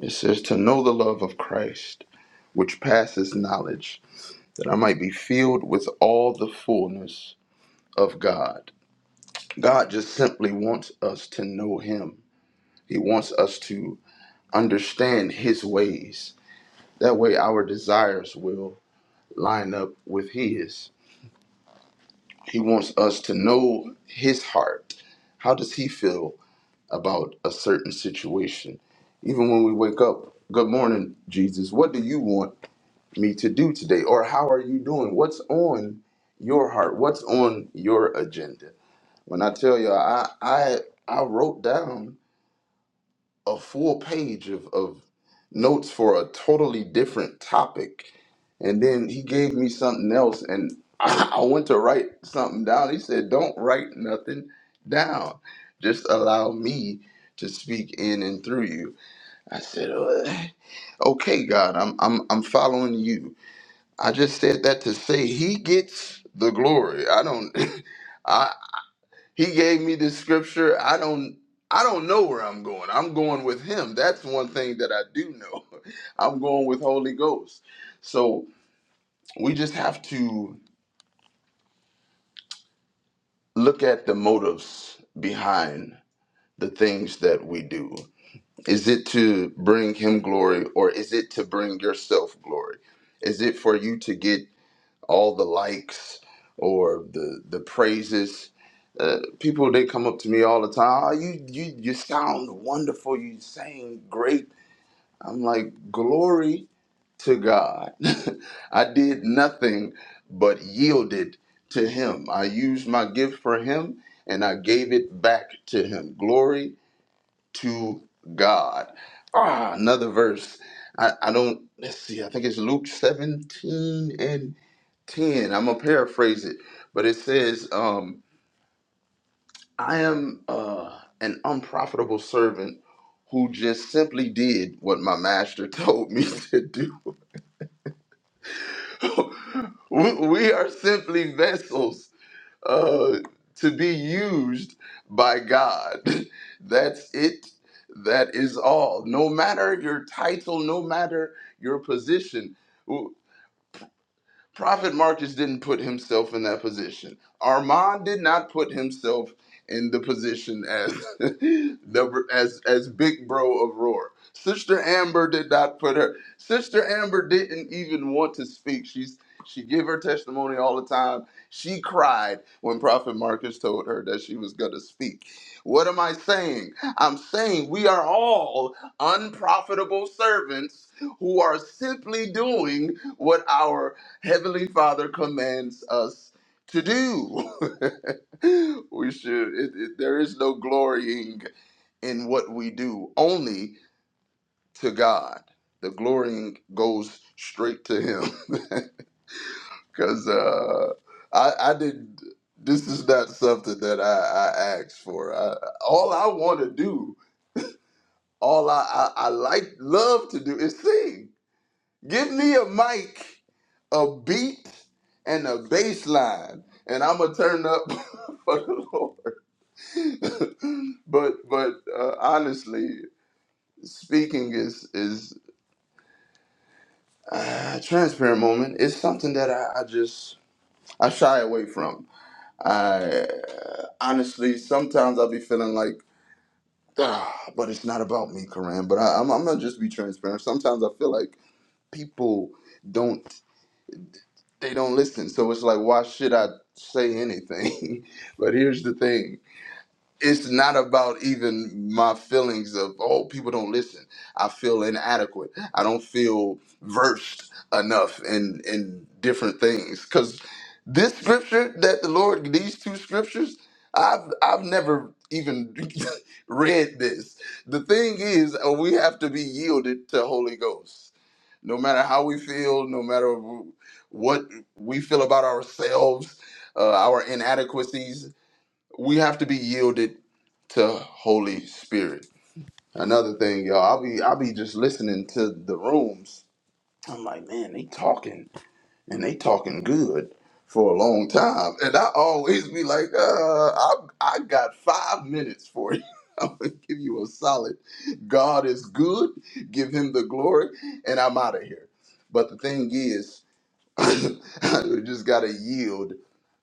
[SPEAKER 5] It says to know the love of Christ which passes knowledge that I might be filled with all the fullness of God. God just simply wants us to know him. He wants us to understand his ways. That way our desires will line up with his. He wants us to know his heart. How does he feel about a certain situation? Even when we wake up, good morning, Jesus. What do you want me to do today? Or how are you doing? What's on your heart? What's on your agenda? When I tell you, I I I wrote down a full page of, of notes for a totally different topic. And then he gave me something else, and I went to write something down. He said, Don't write nothing down. Just allow me to speak in and through you. I said, "Uh, Okay, God, I'm, I'm, I'm following you. I just said that to say he gets the glory. I don't. I. He gave me this scripture. I don't I don't know where I'm going. I'm going with him. That's one thing that I do know. I'm going with Holy Ghost. So we just have to look at the motives behind the things that we do. Is it to bring him glory or is it to bring yourself glory? Is it for you to get all the likes or the the praises. Uh, people they come up to me all the time. Oh, you you you sound wonderful. You sang great. I'm like glory to God. I did nothing but yielded to Him. I used my gift for Him and I gave it back to Him. Glory to God. Ah, another verse. I, I don't, let's see, I think it's Luke 17 and 10. I'm going to paraphrase it, but it says, um, I am uh, an unprofitable servant who just simply did what my master told me to do. we, we are simply vessels uh, to be used by God. That's it. That is all. No matter your title, no matter your position. w- Prophet Marcus didn't put himself in that position. Armand did not put himself in the position as the as as big bro of Roar. Sister Amber did not put her. Sister Amber didn't even want to speak. She's she gave her testimony all the time. She cried when Prophet Marcus told her that she was going to speak. What am I saying? I'm saying we are all unprofitable servants who are simply doing what our Heavenly Father commands us to do. we should, it, it- there is no glorying in what we do, only to God. The glorying goes straight to Him. Because uh, I, I didn't, this is not something that I, I asked for. I, all I want to do, all I, I, I like, love to do is sing Give me a mic, a beat, and a bass line, and I'm gonna turn up for the Lord. but but uh, honestly, speaking is is uh, transparent moment. It's something that I, I just I shy away from. I honestly sometimes I'll be feeling like. Ah, but it's not about me, Karan. But I, I'm, I'm gonna just be transparent. Sometimes I feel like people don't. they don't listen. So it's like, why should I say anything? but here's the thing it's not about even my feelings of, oh, people don't listen. I feel inadequate. I don't feel versed enough in, in different things. Because this scripture that the Lord, these two scriptures, I've, I've never even read this. The thing is, uh, we have to be yielded to Holy Ghost no matter how we feel, no matter what we feel about ourselves, uh, our inadequacies, we have to be yielded to Holy Spirit. Another thing, y'all, I'll be I'll be just listening to the rooms. I'm like, man, they talking and they talking good for a long time. And I always be like, uh, I, I got five minutes for you. I'm gonna give you a solid. God is good. Give him the glory, and I'm out of here. But the thing is, we just gotta yield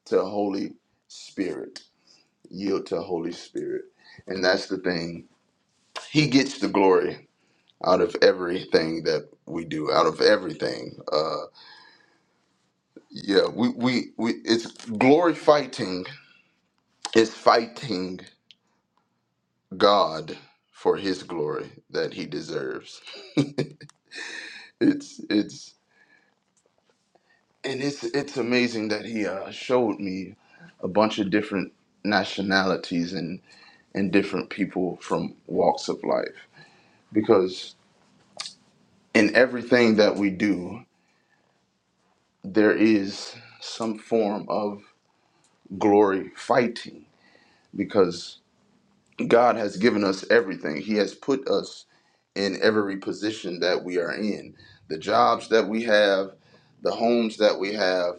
[SPEAKER 5] to Holy Spirit. Yield to Holy Spirit, and that's the thing. He gets the glory out of everything that we do, out of everything. uh, Yeah, we, we, we it's glory fighting is fighting God for his glory that he deserves. It's it's and it's it's amazing that he uh, showed me a bunch of different nationalities and and different people from walks of life because in everything that we do there is some form of glory fighting because God has given us everything. He has put us in every position that we are in the jobs that we have the homes that we have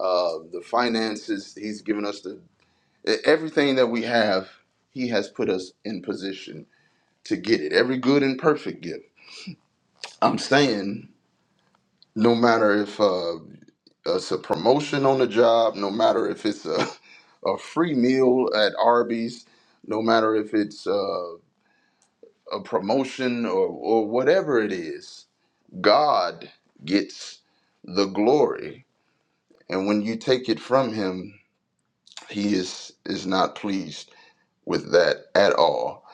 [SPEAKER 5] uh, the finances he's given us the e, everything that we have he has put us in position to get it every good and perfect gift i'm saying no matter if uh, it's a promotion on the job no matter if it's a, a free meal at arby's no matter if it's uh, a promotion or, or whatever it is God gets the glory, and when you take it from him, he is is not pleased with that at all.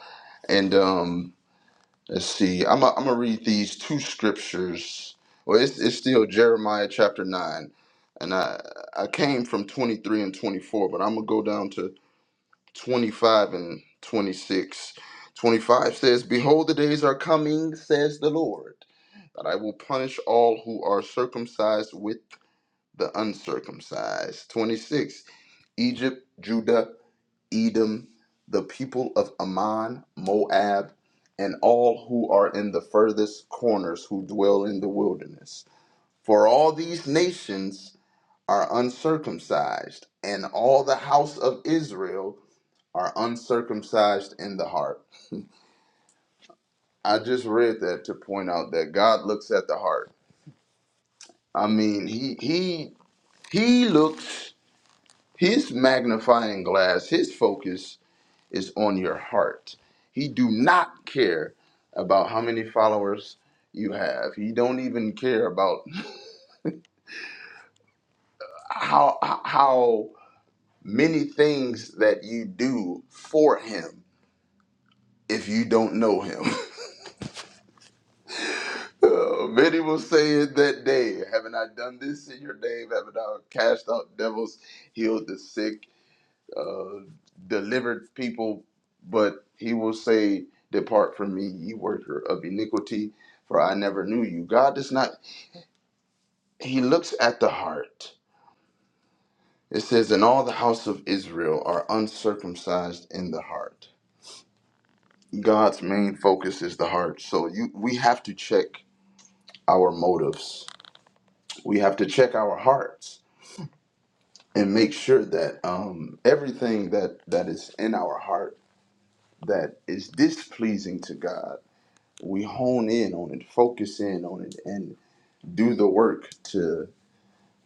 [SPEAKER 5] And um, let's see, I'm i am i gonna read these two scriptures. Well, it's, it's still Jeremiah chapter nine, and I I came from 23 and 24, but I'm gonna go down to 25 and 26. 25 says, "Behold, the days are coming," says the Lord, "that I will punish all who are circumcised with." the uncircumcised. 26. Egypt, Judah, Edom, the people of Ammon, Moab, and all who are in the furthest corners who dwell in the wilderness. For all these nations are uncircumcised, and all the house of Israel are uncircumcised in the heart. I just read that to point out that God looks at the heart. I mean, he he he looks his magnifying glass, his focus is on your heart. He do not care about how many followers you have. He don't even care about how how many things that you do for him if you don't know him. Uh, Many will say it that day, haven't I done this in your name? Haven't I cast out devils, healed the sick? uh, delivered people, but he will say, Depart from me, ye worker of iniquity, for I never knew you. God does not, he looks at the heart. It says, And all the house of Israel are uncircumcised in the heart. God's main focus is the heart. So you we have to check our motives. We have to check our hearts and make sure that um, everything that, that is in our heart that is displeasing to God we hone in on it, focus in on it, and do the work to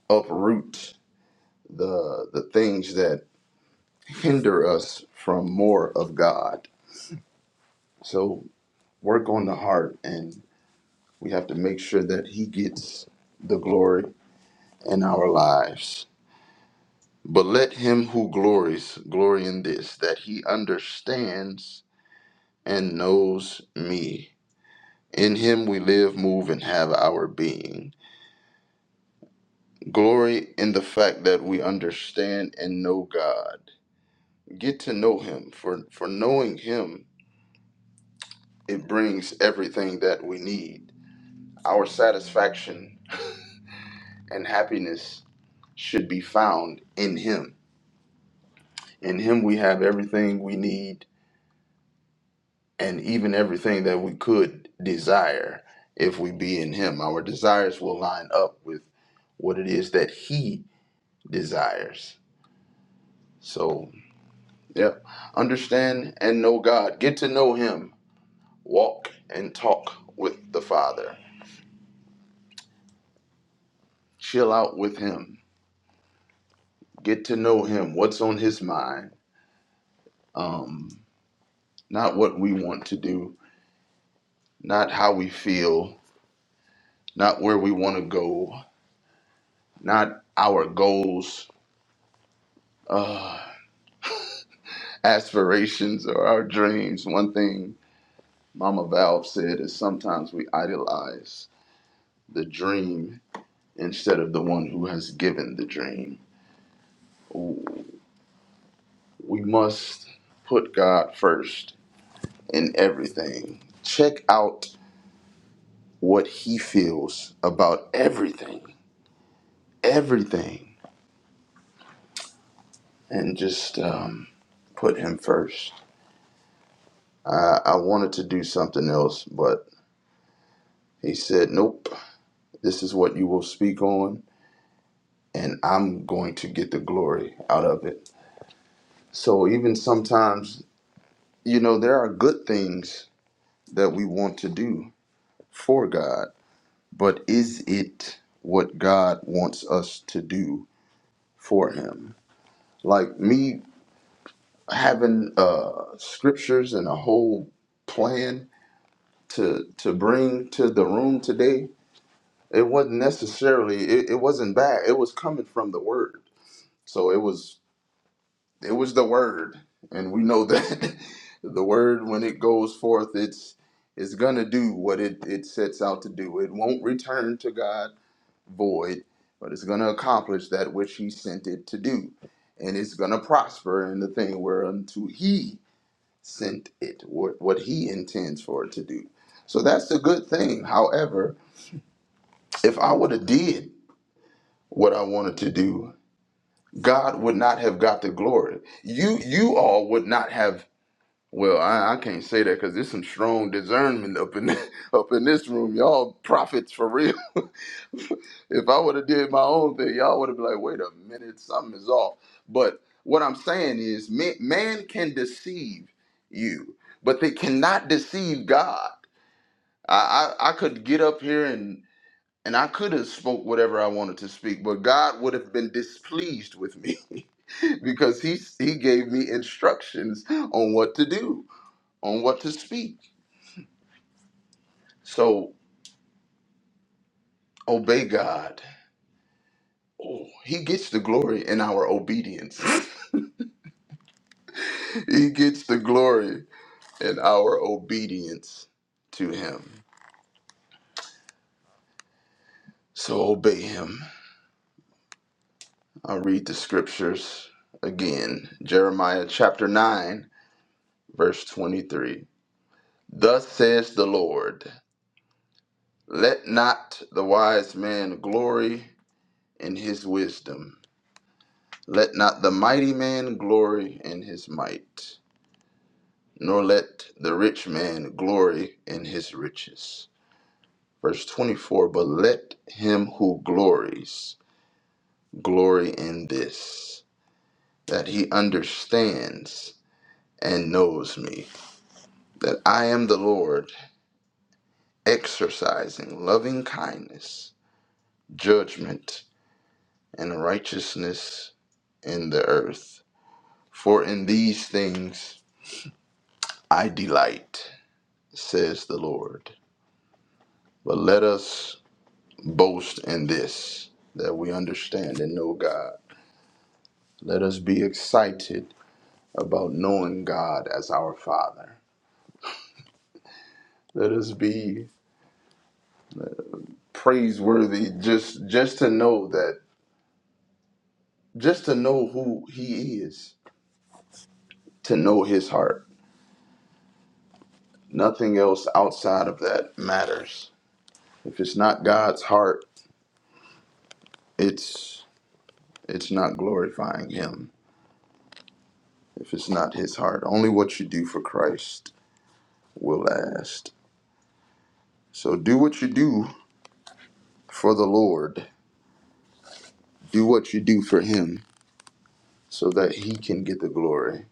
[SPEAKER 5] uproot the the things that hinder us from more of God. So work on the heart, and we have to make sure that He gets the glory in our lives. But let him who glories glory in this, that he understands and knows me. In him we live, move, and have our being. Glory in the fact that we understand and know God. Get to know Him. For, for knowing Him, it brings everything that we need. Our satisfaction and happiness should be found in Him. In Him, we have everything we need and even everything that we could desire if we be in Him. Our desires will line up with what it is that He desires. So, yeah, understand and know God. Get to know Him Walk and talk with the Father. Chill out with Him. Get to know Him. What's on His mind? Um, not what we want to do. Not how we feel. Not where we want to go. Not our goals, uh, aspirations, or our dreams. One thing Mama Valve said is sometimes we idolize the dream instead of the one who has given the dream. We must put God first and everything. Check out what he feels about everything, everything, and just um, put him first. I, I wanted to do something else, but he said, Nope, this is what you will speak on, and I'm going to get the glory out of it. So, even sometimes, you know, there are good things that we want to do for God, but is it what God wants us to do for Him? Like me having uh scriptures and a whole plan to to bring to the room today, it wasn't necessarily it, it wasn't bad. It was coming from the word. So it was it was the word. And we know that the word when it goes forth it's it's gonna do what it, it sets out to do. It won't return to God void, but it's gonna accomplish that which he sent it to do and it's gonna prosper in the thing whereunto he sent it, what, what he intends for it to do. So that's a good thing. However, if I would have did what I wanted to do, God would not have got the glory. You you all would not have well, I, I can't say that because there's some strong discernment up in up in this room. Y'all prophets for real. if I would have did my own thing, y'all would have been like, wait a minute, something is off. But what I'm saying is, man, man can deceive you, but they cannot deceive God. I, I I could get up here and and I could have spoke whatever I wanted to speak, but God would have been displeased with me because he he gave me instructions on what to do, on what to speak. So obey God. Oh, he gets the glory in our obedience. he gets the glory in our obedience to him. So obey him. I'll read the scriptures again. Jeremiah chapter 9, verse 23. Thus says the Lord Let not the wise man glory in his wisdom, let not the mighty man glory in his might, nor let the rich man glory in his riches. Verse 24 But let him who glories glory in this, that he understands and knows me, that I am the Lord, exercising loving kindness, judgment, and righteousness in the earth. For in these things I delight, says the Lord. But let us boast in this, that we understand and know God. Let us be excited about knowing God as our Father. Let us be praiseworthy just just to know that just to know who he is, to know his heart. Nothing else outside of that matters. If it's not God's heart, it's it's not glorifying him if it's not his heart only what you do for christ will last so do what you do for the lord do what you do for him so that he can get the glory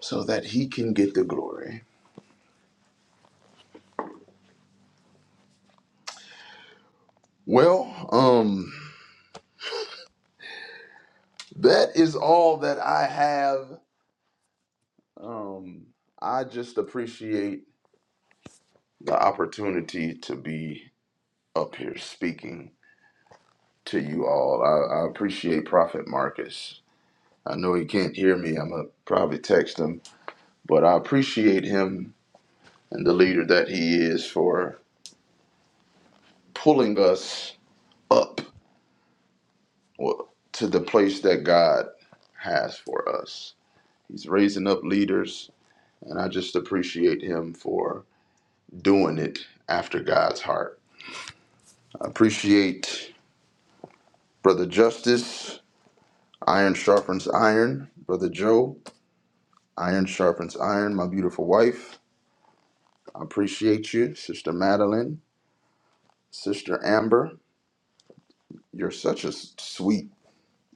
[SPEAKER 5] so that he can get the glory well um that is all that i have um i just appreciate the opportunity to be up here speaking to you all i, I appreciate prophet marcus I know he can't hear me. I'm going to probably text him. But I appreciate him and the leader that he is for pulling us up well, to the place that God has for us. He's raising up leaders, and I just appreciate him for doing it after God's heart. I appreciate Brother Justice. Iron sharpens iron. Brother Joe, iron sharpens iron. My beautiful wife. I appreciate you, Sister Madeline, Sister Amber. You're such a sweet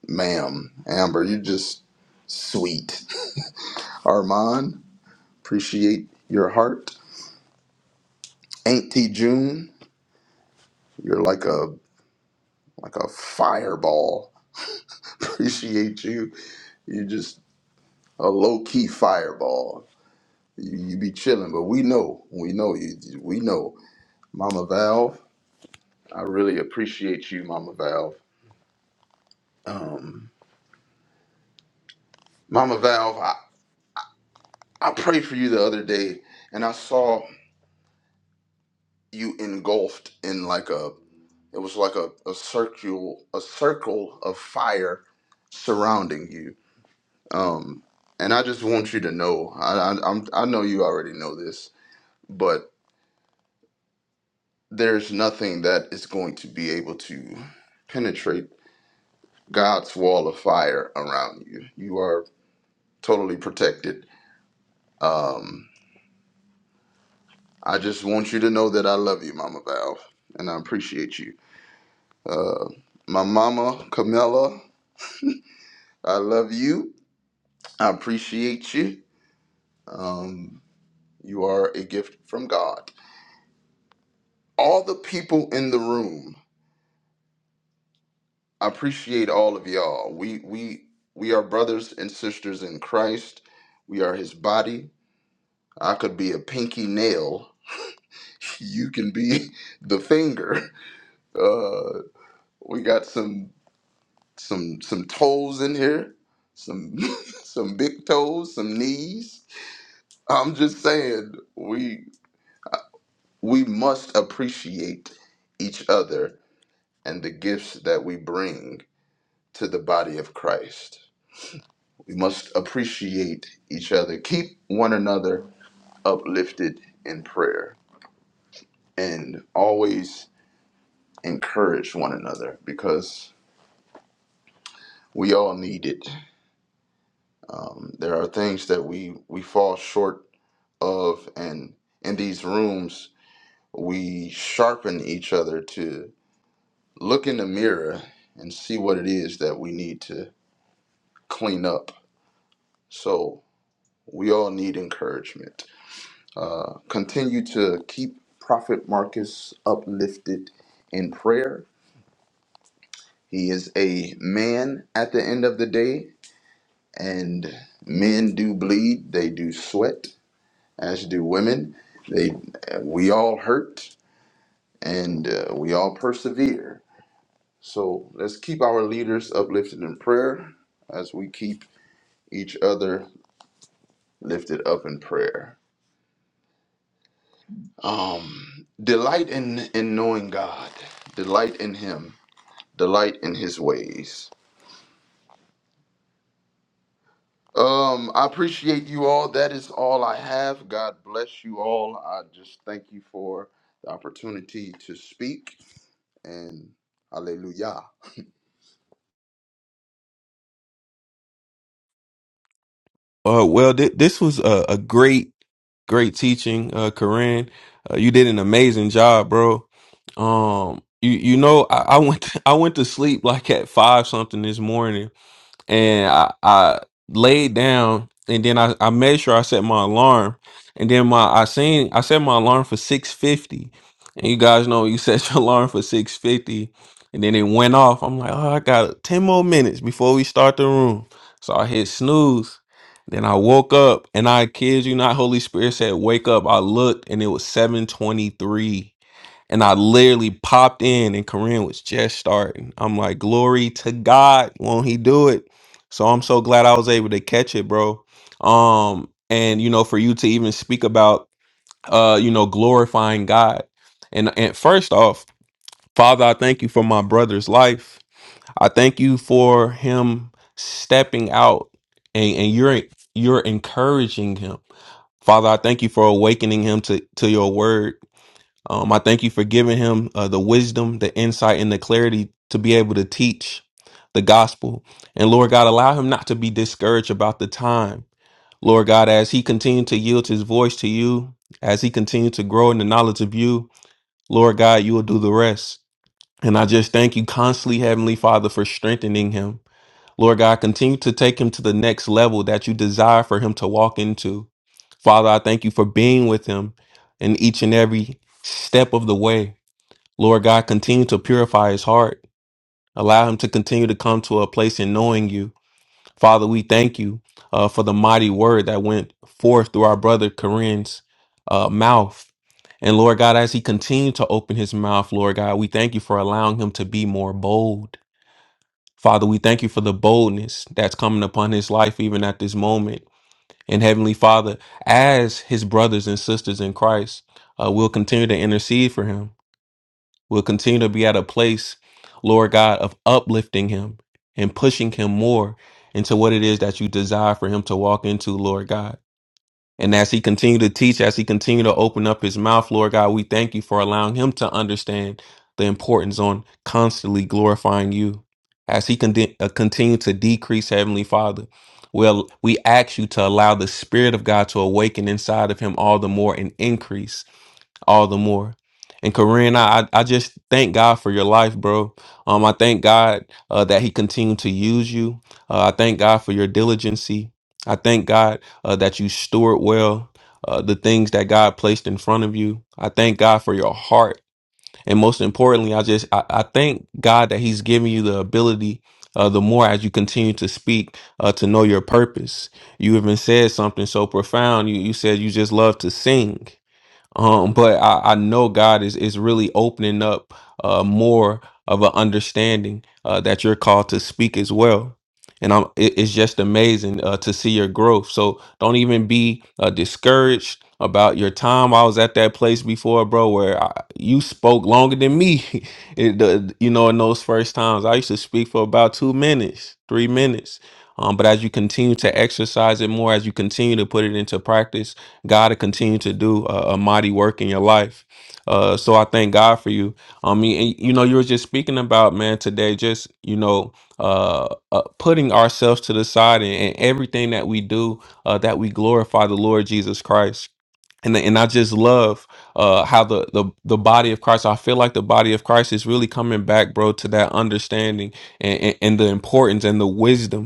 [SPEAKER 5] ma'am, Amber. You're just sweet. Armand, appreciate your heart. Auntie June, you're like a like a fireball. Appreciate you. You're just a low key fireball. You, you be chilling, but we know, we know you- We know, Mama Valve. I really appreciate you, Mama Valve. Um, Mama Valve, I, I prayed for you the other day, and I saw. you engulfed in like a it was like a, a circle a circle of fire surrounding you um and i just want you to know i i, I'm, I know you already know this but there's nothing that is going to be able to penetrate god's wall of fire around you you are totally protected um i just want you to know that i love you mama valve and i appreciate you uh my mama camilla i love you I appreciate you. Um, you are a gift from God. All the people in the room, I appreciate all of y'all. We we we are brothers and sisters in Christ. We are His body. I could be a pinky nail. You can be the finger. Uh, we got some some some toes in here, some some big toes, some knees. I'm just saying we We must appreciate each other and the gifts that we bring to the body of Christ. We must appreciate each other, keep one another uplifted in prayer, and always encourage one another because we all need it. Um, there are things that we, we fall short of, and in these rooms, we sharpen each other to look in the mirror and see what it is that we need to clean up. So we all need encouragement. Uh, continue to keep Prophet Marcus uplifted in prayer. He is a man at the end of the day, and men do bleed, they do sweat, as do women. They, we all hurt, and uh, we all persevere. So let's keep our leaders uplifted in prayer as we keep each other lifted up in prayer. Um, delight in in knowing God, delight in Him, delight in His ways. Um, I appreciate you all. That is all I have. God bless you all. I just thank you for the opportunity to speak and Hallelujah.
[SPEAKER 7] Uh, well, th- this was a, a great, great teaching, uh, Corinne. Uh, you did an amazing job, bro. Um, you you know, I, I went I went to sleep like at five something this morning, and I, I laid down and then I, I made sure I set my alarm and then my I seen I set my alarm for 650 and you guys know you set your alarm for 650 and then it went off I'm like oh I got 10 more minutes before we start the room so I hit snooze then I woke up and I kid you not Holy Spirit said wake up I looked and it was 723 and I literally popped in, and Korean was just starting. I'm like, glory to God, won't He do it? So I'm so glad I was able to catch it, bro. Um, and you know, for you to even speak about, uh, you know, glorifying God, and and first off, Father, I thank you for my brother's life. I thank you for him stepping out, and and you're you're encouraging him, Father. I thank you for awakening him to to your word. Um, I thank you for giving him uh, the wisdom, the insight, and the clarity to be able to teach the gospel. And Lord God, allow him not to be discouraged about the time. Lord God, as he continued to yield his voice to you, as he continued to grow in the knowledge of you, Lord God, you will do the rest. And I just thank you constantly, Heavenly Father, for strengthening him. Lord God, continue to take him to the next level that you desire for him to walk into. Father, I thank you for being with him in each and every step of the way. Lord God, continue to purify his heart. Allow him to continue to come to a place in knowing you. Father, we thank you uh, for the mighty word that went forth through our brother Corinne's uh, mouth. And Lord God, as he continued to open his mouth, Lord God, we thank you for allowing him to be more bold. Father, we thank you for the boldness that's coming upon his life even at this moment. And Heavenly Father, as his brothers and sisters in Christ, uh, we'll continue to intercede for him. We'll continue to be at a place, Lord God, of uplifting him and pushing him more into what it is that you desire for him to walk into, Lord God. And as he continue to teach, as he continue to open up his mouth, Lord God, we thank you for allowing him to understand the importance on constantly glorifying you. As he con- uh, continue to decrease, Heavenly Father, well, we ask you to allow the Spirit of God to awaken inside of him all the more and increase all the more. And Corinne, I I I just thank God for your life, bro. Um, I thank God uh, that He continued to use you. Uh, I thank God for your diligency. I thank God uh, that you steward well uh, the things that God placed in front of you. I thank God for your heart, and most importantly, I just I, I thank God that He's giving you the ability. Uh, the more as you continue to speak uh, to know your purpose, you even said something so profound. You you said you just love to sing, um but i i know god is is really opening up uh more of an understanding uh that you're called to speak as well and i'm it, it's just amazing uh to see your growth so don't even be uh discouraged about your time i was at that place before bro where I, you spoke longer than me it, the, you know in those first times i used to speak for about two minutes three minutes um, but as you continue to exercise it more as you continue to put it into practice God to continue to do a, a mighty work in your life. Uh, so I thank God for you. I mean, and, you know, you were just speaking about man today, just you know, uh, uh putting ourselves to the side and, and everything that we do, uh, that we glorify the Lord Jesus Christ. And and I just love uh how the the the body of Christ. I feel like the body of Christ is really coming back, bro, to that understanding and and, and the importance and the wisdom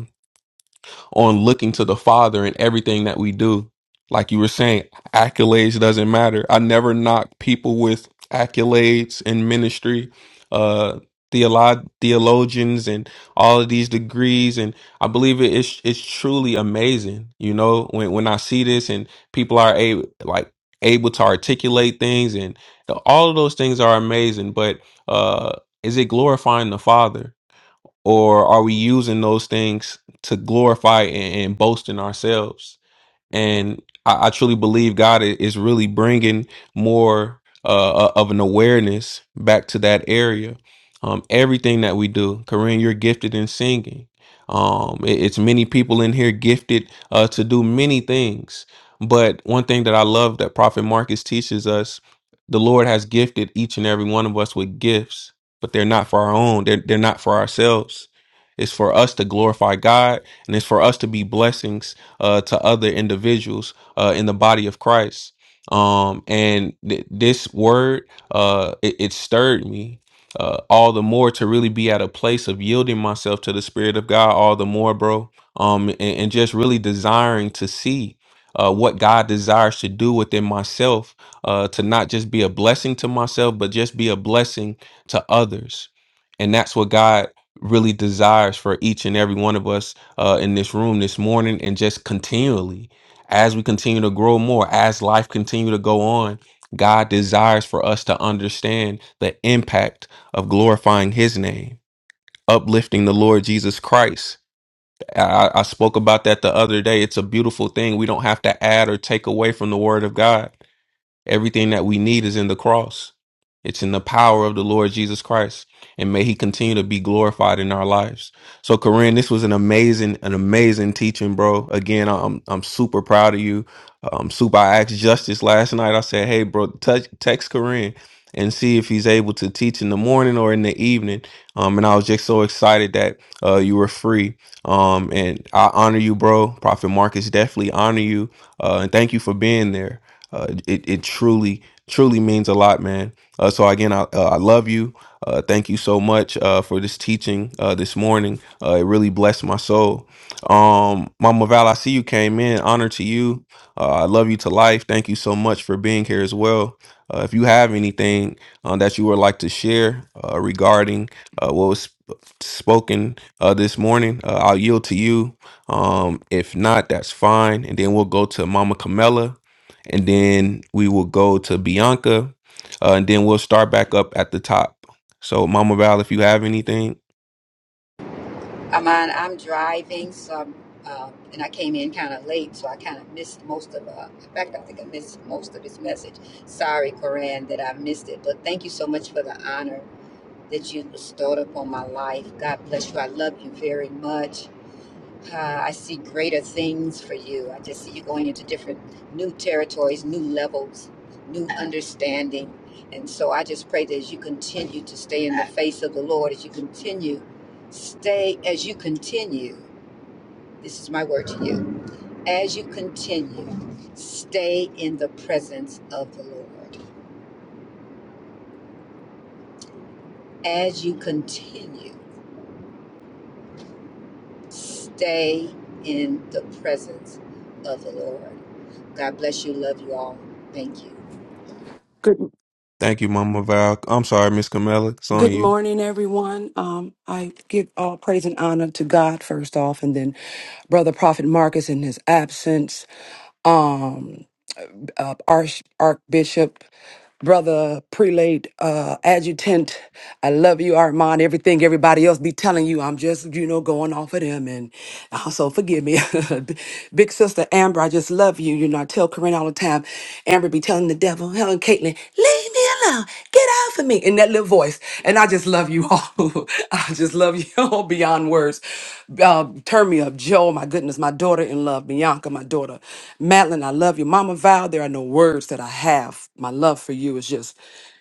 [SPEAKER 7] on looking to the Father in everything that we do. Like you were saying, accolades doesn't matter. I never knock people with accolades in ministry, uh, theolo- theologians, and all of these degrees. And I believe it, it's it's truly amazing. You know, when when I see this and people are able like able to articulate things, and the, all of those things are amazing. But uh, is it glorifying the Father? or are we using those things to glorify and, and boast in ourselves? and I, I truly believe God i- is really bringing more uh, uh, of an awareness back to that area. Um, everything that we do, Corinne, you're gifted in singing. Um, it- it's many people in here gifted uh, to do many things. But one thing that I love that Prophet Marcus teaches us, the Lord has gifted each and every one of us with gifts, but they're not for our own. They're, they're not for ourselves. It's for us to glorify God and it's for us to be blessings uh, to other individuals uh, in the body of Christ. Um, and th- this word, uh, it, it stirred me uh, all the more to really be at a place of yielding myself to the Spirit of God all the more, bro. Um, and, and just really desiring to see uh, what God desires to do within myself, uh, to not just be a blessing to myself, but just be a blessing to others. And that's what God really desires for each and every one of us uh, in this room this morning and just continually as we continue to grow more as life continue to go on god desires for us to understand the impact of glorifying his name uplifting the lord jesus christ I, I spoke about that the other day it's a beautiful thing we don't have to add or take away from the word of god Everything that we need is in the cross. It's in the power of the Lord Jesus Christ. And may he continue to be glorified in our lives. So Corinne, this was an amazing, an amazing teaching, bro. Again, I'm I'm super proud of you. Um super I asked Justice last night. I said, hey bro, touch text Corinne and see if he's able to teach in the morning or in the evening. Um, and I was just so excited that uh, you were free. Um, and I honor you, bro. Prophet Marcus definitely honor you. Uh, and thank you for being there. Uh, it, it truly, truly means a lot, man. Uh, so again, I, uh, I love you. Uh, thank you so much uh, for this teaching uh, this morning. Uh, it really blessed my soul. Um, Mama Val, I see you came in. Honor to you. Uh, I love you to life. Thank you so much for being here as well. Uh, if you have anything uh, that you would like to share uh, regarding uh, what was sp- spoken uh, this morning, uh, I'll yield to you. Um, if not, that's fine. And then we'll go to Mama Camella, and then we will go to Bianca, uh, and then we'll start back up at the top. So, Mama Val, if you have anything,
[SPEAKER 8] I'm on, I'm driving, so I'm, um, and I came in kind of late, so I kind of missed most of. Uh, in fact, I think I missed most of his message. Sorry, Koran, that I missed it. But thank you so much for the honor that you bestowed upon my life. God bless you. I love you very much. Uh, I see greater things for you. I just see you going into different new territories, new levels, new understanding. And so I just pray that as you continue to stay in the face of the Lord, as you continue, stay, as you continue, this is my word to you, as you continue, stay in the presence of the Lord. As you continue, stay in the presence of the Lord. God bless you. Love you all. Thank you.
[SPEAKER 9] Good
[SPEAKER 7] thank you, Mama Val. I'm sorry, Miss Camella, it's on
[SPEAKER 9] good
[SPEAKER 7] you.
[SPEAKER 9] morning, everyone. Um, I give all praise and honor to God first off, and then Brother Prophet Marcus in his absence, um, uh, Arch Archbishop, Brother Prelate, uh, Adjutant. I love you, Armand. Everything everybody else be telling you, I'm just you know going off of them, and also forgive me, Big Sister Amber. I just love you. You know, I tell Corinne all the time. Amber be telling the devil, Helen, Caitlin, leave me me alone. Get off of me. In that little voice. And I just love you all. I just love you all beyond words. Uh, turn me up. Joe, my goodness, my daughter in love. Bianca, my daughter. Madeline, I love you. Mama Val, there are no words that I have. My love for you is just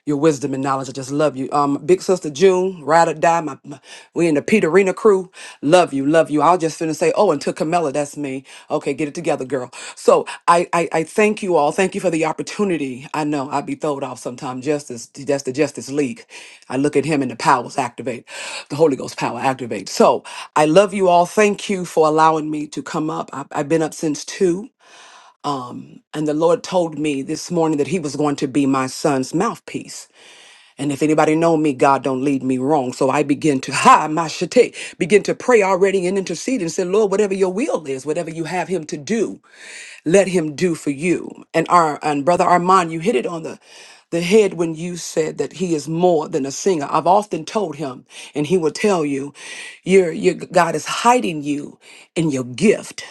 [SPEAKER 9] your wisdom and knowledge. I just love you. Um, big sister June, ride or die. My, my- we in the Peterina crew. Love you, love you. I was just finna say, oh, and to Camilla, that's me. Okay, get it together, girl. So I, I, I thank you all. Thank you for the opportunity. I know I be throwed off sometimes. Justice, that's the Justice League. I look at him and the powers activate, the Holy Ghost power activate. So I love you all. Thank you for allowing me to come up. I, I've been up since two. And the Lord told me this morning that He was going to be my son's mouthpiece. And if anybody know me, God don't lead me wrong. So I begin to ha my shate, begin to pray already and intercede and say, Lord, whatever your will is, whatever you have him to do, let him do for you. And our and brother Armand, you hit it on the the head when you said that he is more than a singer. I've often told him, and he will tell you, your your God is hiding you in your gift.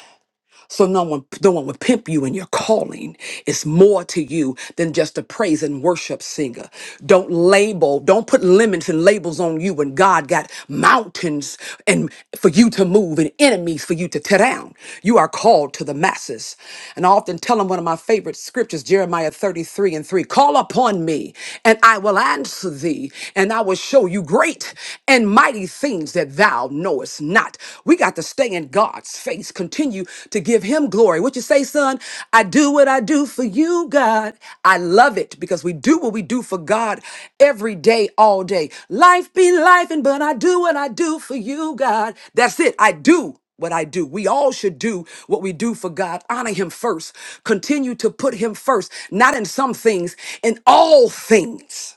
[SPEAKER 9] So no one no one would pimp you in your calling. It's more to you than just a praise and worship singer. Don't label, don't put limits and labels on you when God got mountains and for you to move and enemies for you to tear down. You are called to the masses. And I often tell them one of my favorite scriptures, Jeremiah 33 and 3. Call upon me and I will answer thee and I will show you great and mighty things that thou knowest not. We got to stay in God's face, continue to give him glory. What you say, son? I do what I do for you, God. I love it because we do what we do for God every day, all day. Life be life, and but I do what I do for you, God. That's it. I do what I do. We all should do what we do for God. Honor Him first. Continue to put Him first, not in some things, in all things.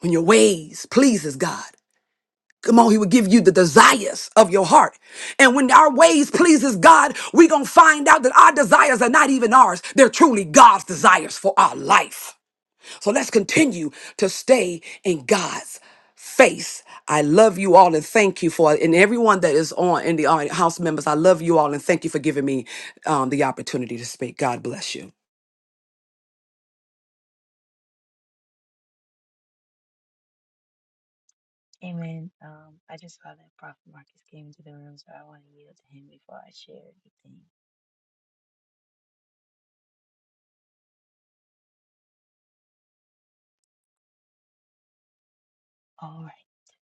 [SPEAKER 9] When your ways pleases God. Come on, he will give you the desires of your heart. And when our ways pleases God, we going to find out that our desires are not even ours. They're truly God's desires for our life. So let's continue to stay in God's face. I love you all and thank you for and everyone that is on in the audience, house members. I love you all and thank you for giving me um, the opportunity to speak. God bless you.
[SPEAKER 6] Amen.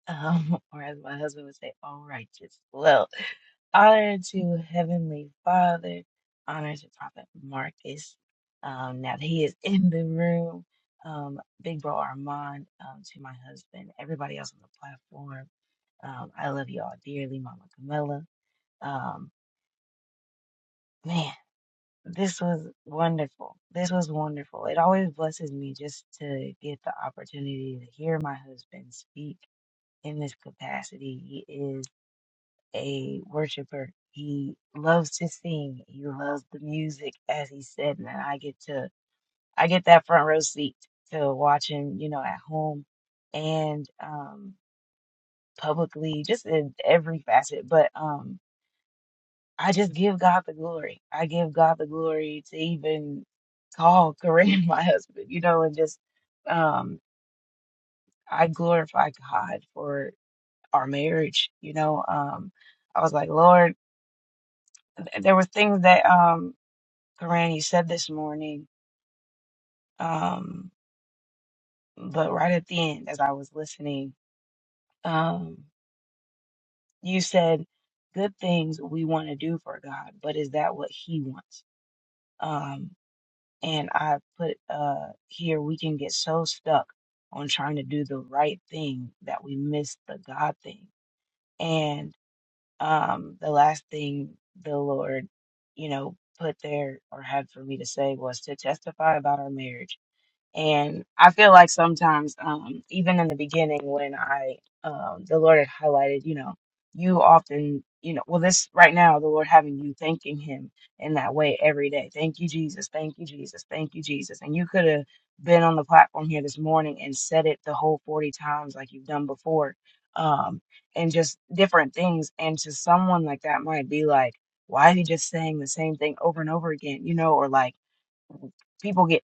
[SPEAKER 6] um, or as my husband would say, all righteous. Well, honor to Heavenly Father, honor to Prophet Marcus. Um, now that he is in the room, um, Big Bro Armand, um, to my husband, everybody else on the platform. Um, I love you all dearly, Mama Camilla. Um, man, this was wonderful. This was wonderful. It always blesses me just to get the opportunity to hear my husband speak in this capacity. a worshiper. He loves to sing. He loves the music, as he said, and I get to I get that front row seat to watch him, you know, at home and um publicly, just in every facet. But um I just give God the glory. I give God the glory to even call Kareem my husband, you know, and just um I glorify God for our marriage, you know. Um I was like, Lord, th- there were things that um Granny said this morning, um, but right at the end, as I was listening, um, you said good things we want to do for God, but is that what He wants? Um, and I put uh, here we can get so stuck on trying to do the right thing that we miss the God thing. And um, the last thing the Lord, you know, put there or had for me to say was to testify about our marriage And I feel like sometimes, um, even in the beginning, when I, um, the Lord had highlighted, you know, you often, you know, well, this right now, the Lord having you thanking Him in that way every day. Thank you, Jesus. Thank you, Jesus. Thank you, Jesus. And you could have been on the platform here this morning and said it the whole 40 times like you've done before, um, and just different things. And to someone like that might be like, why are you just saying the same thing over and over again, you know, or like, people get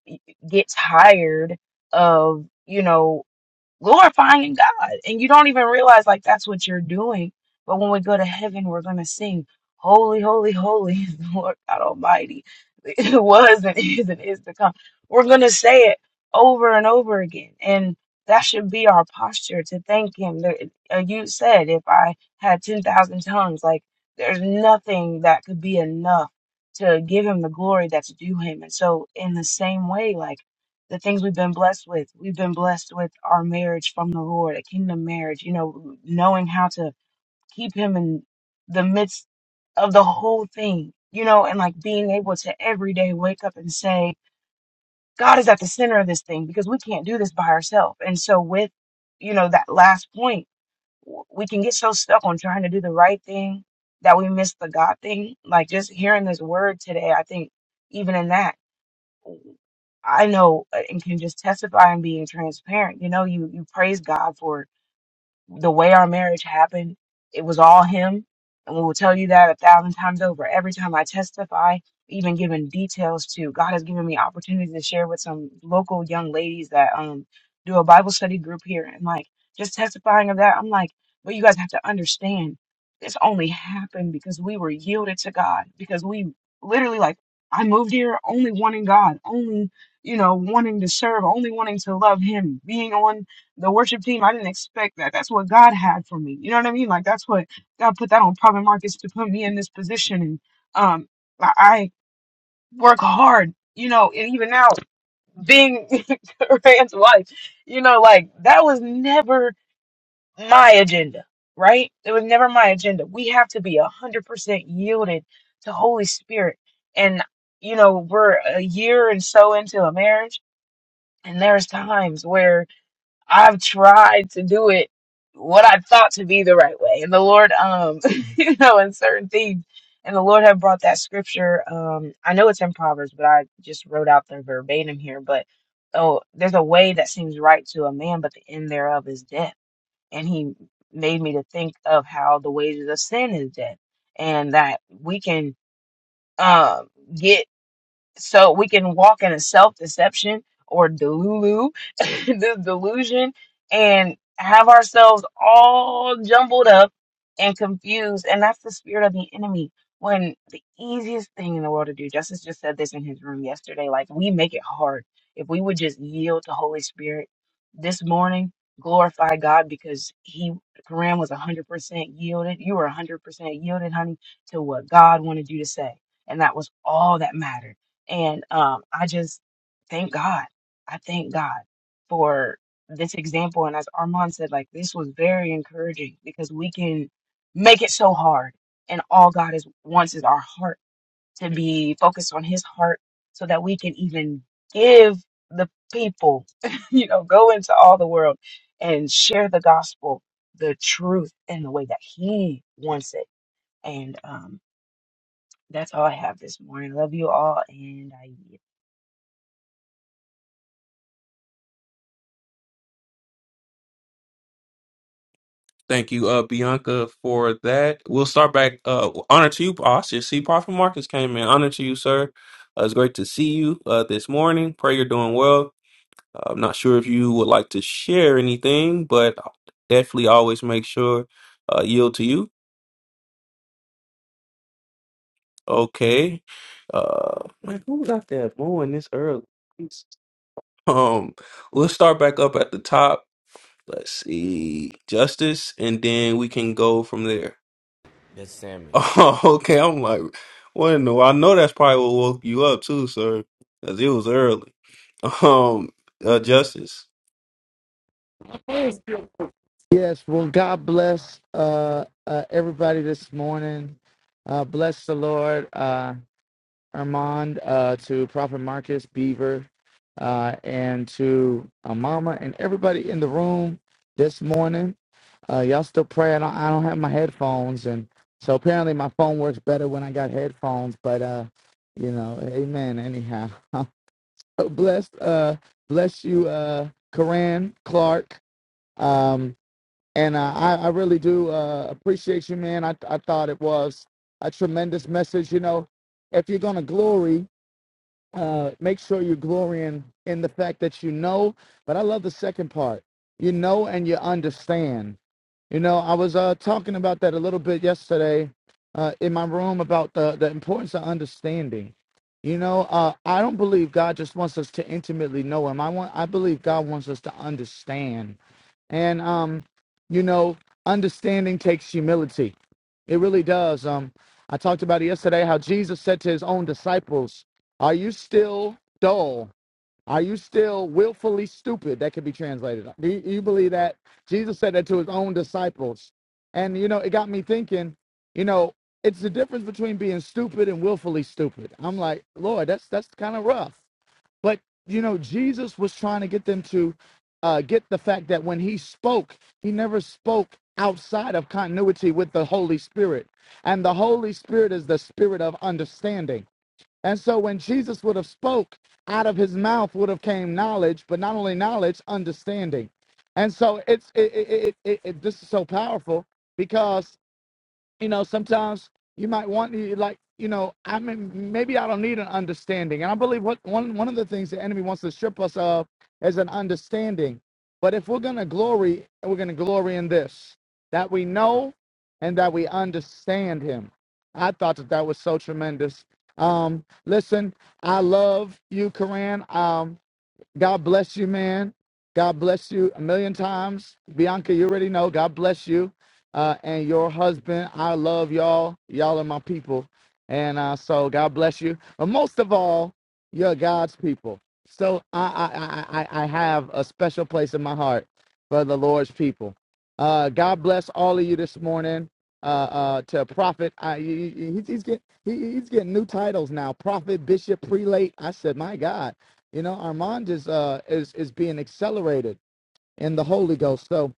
[SPEAKER 6] get tired of you know glorifying God. And you don't even realize like that's what you're doing. But when we go to heaven, we're going to sing, Holy, holy, holy is the Lord God Almighty. It was and is and is to come. We're going to say it over and over again. And that should be our posture to thank Him. There- uh, You said, if I had 10,000 tongues, like there's nothing that could be enough to give Him the glory that's due Him. And so, in the same way, like, the things we've been blessed with. We've been blessed with our marriage from the Lord, a kingdom marriage, you know, knowing how to keep Him in the midst of the whole thing, you know, and like being able to every day wake up and say, God is at the center of this thing because we can't do this by ourselves. And so, with, you know, that last point, w- we can get so stuck on trying to do the right thing that we miss the God thing. Like just hearing this word today, I think even in that. I know uh, and can just testify and being transparent. You know, you you praise God for it the way our marriage happened, it was all him. And we will tell you that a thousand times over. Every time I testify, even giving details to, God has given me opportunities to share with some local young ladies that um do a Bible study group here. And like just testifying of that, I'm like, but you guys have to understand this only happened because we were yielded to God, because we literally like I moved here only wanting God, only, you know, wanting to serve, only wanting to love him, being on the worship team, I didn't expect that. That's what God had for me. You know what I mean? Like that's what God put that on Prophet Marcus to put me in this position. And um, I I work hard. You know, and even now being Rand's wife, you know, like that was never my agenda, right? It was never my agenda. We have to be a hundred percent yielded to Holy Spirit, and you know, we're a year and so into a marriage, and there's times where I've tried to do it what I thought to be the right way. And the Lord, um, you know, in certain things. And the Lord had brought that scripture. Um, I know it's in Proverbs, but I just wrote out the verbatim here. But oh, there's a way that seems right to a man, but the end thereof is death. And he made me to think of how the wages of sin is death, and that we can um get so we can walk in a self deception or delulu, this delusion, and have ourselves all jumbled up and confused. And that's the spirit of the enemy. When the easiest thing in the world to do, Justice just said this in his room yesterday, like we make it hard. If we would just yield to Holy Spirit this morning, glorify God because he, Quran was 100% yielded. You were 100% yielded, honey, to what God wanted you to say. And that was all that mattered and um, I just thank God. I thank God for this example. And as Armand said, like this was very encouraging because we can make it so hard. And all God is wants is our heart to be focused on his heart so that we can even give the people, you know, go into all the world and share the gospel, the truth in the way that he wants it. And um that's all I have this morning. Love you all and I
[SPEAKER 7] Thank you, uh, Bianca, for that. We'll start back. Uh, honor to you. Oh, I should see Prophet Marcus came in. Honor to you, sir. Uh, it's great to see you uh, this morning. Pray you're doing well. Uh, I'm not sure if you would like to share anything, but I'll definitely always make sure uh, yield to you. Okay. Uh, man, who was out there booing this early? Jeez. Um, we'll start back up at the top. Let's see, Justice, and then we can go from there.
[SPEAKER 10] That's Sammy.
[SPEAKER 7] Oh, okay. I'm like, what in the? world? I know that's probably what woke you up too, sir, because it was early. Um, uh, Justice.
[SPEAKER 4] Yes. Well, God bless uh, uh, everybody this morning. Uh, bless the Lord, uh, Armand, uh, to Prophet Marcus Beaver, uh, and to uh, Mama and everybody in the room this morning. Uh, y'all still praying. I don't, I don't have my headphones, and so apparently my phone works better when I got headphones. But uh, you know, Amen. Anyhow, Oh, bless uh bless you uh Karan Clark um and uh, I I really do uh appreciate you man I I thought it was a tremendous message you know if you're going to glory uh, make sure you're glorying in the fact that you know. But I love the second part. You know and you understand. You know, I was uh, talking about that a little bit yesterday uh, in my room about the, the importance of understanding. You know, uh, I don't believe God just wants us to intimately know Him. I want, I believe God wants us to understand and um you know understanding takes humility it really does um i talked about it yesterday how jesus said to his own disciples are you still dull are you still willfully stupid that could be translated do you, you believe that jesus said that to his own disciples and you know it got me thinking you know it's the difference between being stupid and willfully stupid i'm like lord that's that's kind of rough but you know, Jesus was trying to get them to uh, get the fact that when he spoke, he never spoke outside of continuity with the Holy Spirit, and the Holy Spirit is the Spirit of understanding. And so, when Jesus would have spoke, out of his mouth would have came knowledge, but not only knowledge, understanding. And so, it's it, it, it, it, it this is so powerful because you know, sometimes you might want to like, you know, I mean, maybe I don't need an understanding. And I believe what one one of the things the enemy wants to strip us of is an understanding. But if we're gonna glory, we're gonna glory in this that we know and that we understand Him. I thought that that was so tremendous. Um, listen, I love you, Koran. Um, God bless you, man. God bless you a million times. Bianca, you already know. God bless you uh, and your husband. I love y'all. Y'all are my people. And uh, so God bless you. But most of all, you're God's people. So I, I, I, I I have a special place in my heart for the Lord's people. Uh, God bless all of you this morning. Uh, uh, to prophet, I, he, he- he's, getting he, he's getting new titles now. Prophet, bishop, prelate. I said, my God you know, Armand is uh is is being accelerated in the Holy Ghost. So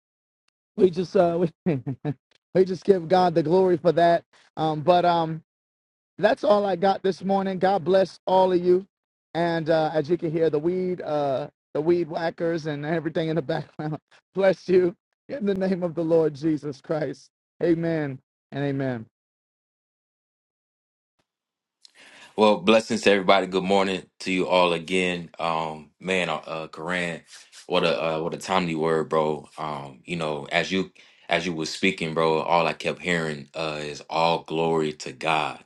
[SPEAKER 4] we just uh we, we just give God the glory for that. Um, but um, that's all I got this morning. God bless all of you. And uh, as you can hear, the weed uh the weed whackers and everything in the background. Bless you in the name of the Lord Jesus Christ. Amen and amen.
[SPEAKER 1] Well, blessings to everybody. Good morning to you all again. Um, man, uh, uh Koran, what a uh, what a timely word, bro. Um, you know, as you as you were speaking, bro, all I kept hearing uh is all glory to God.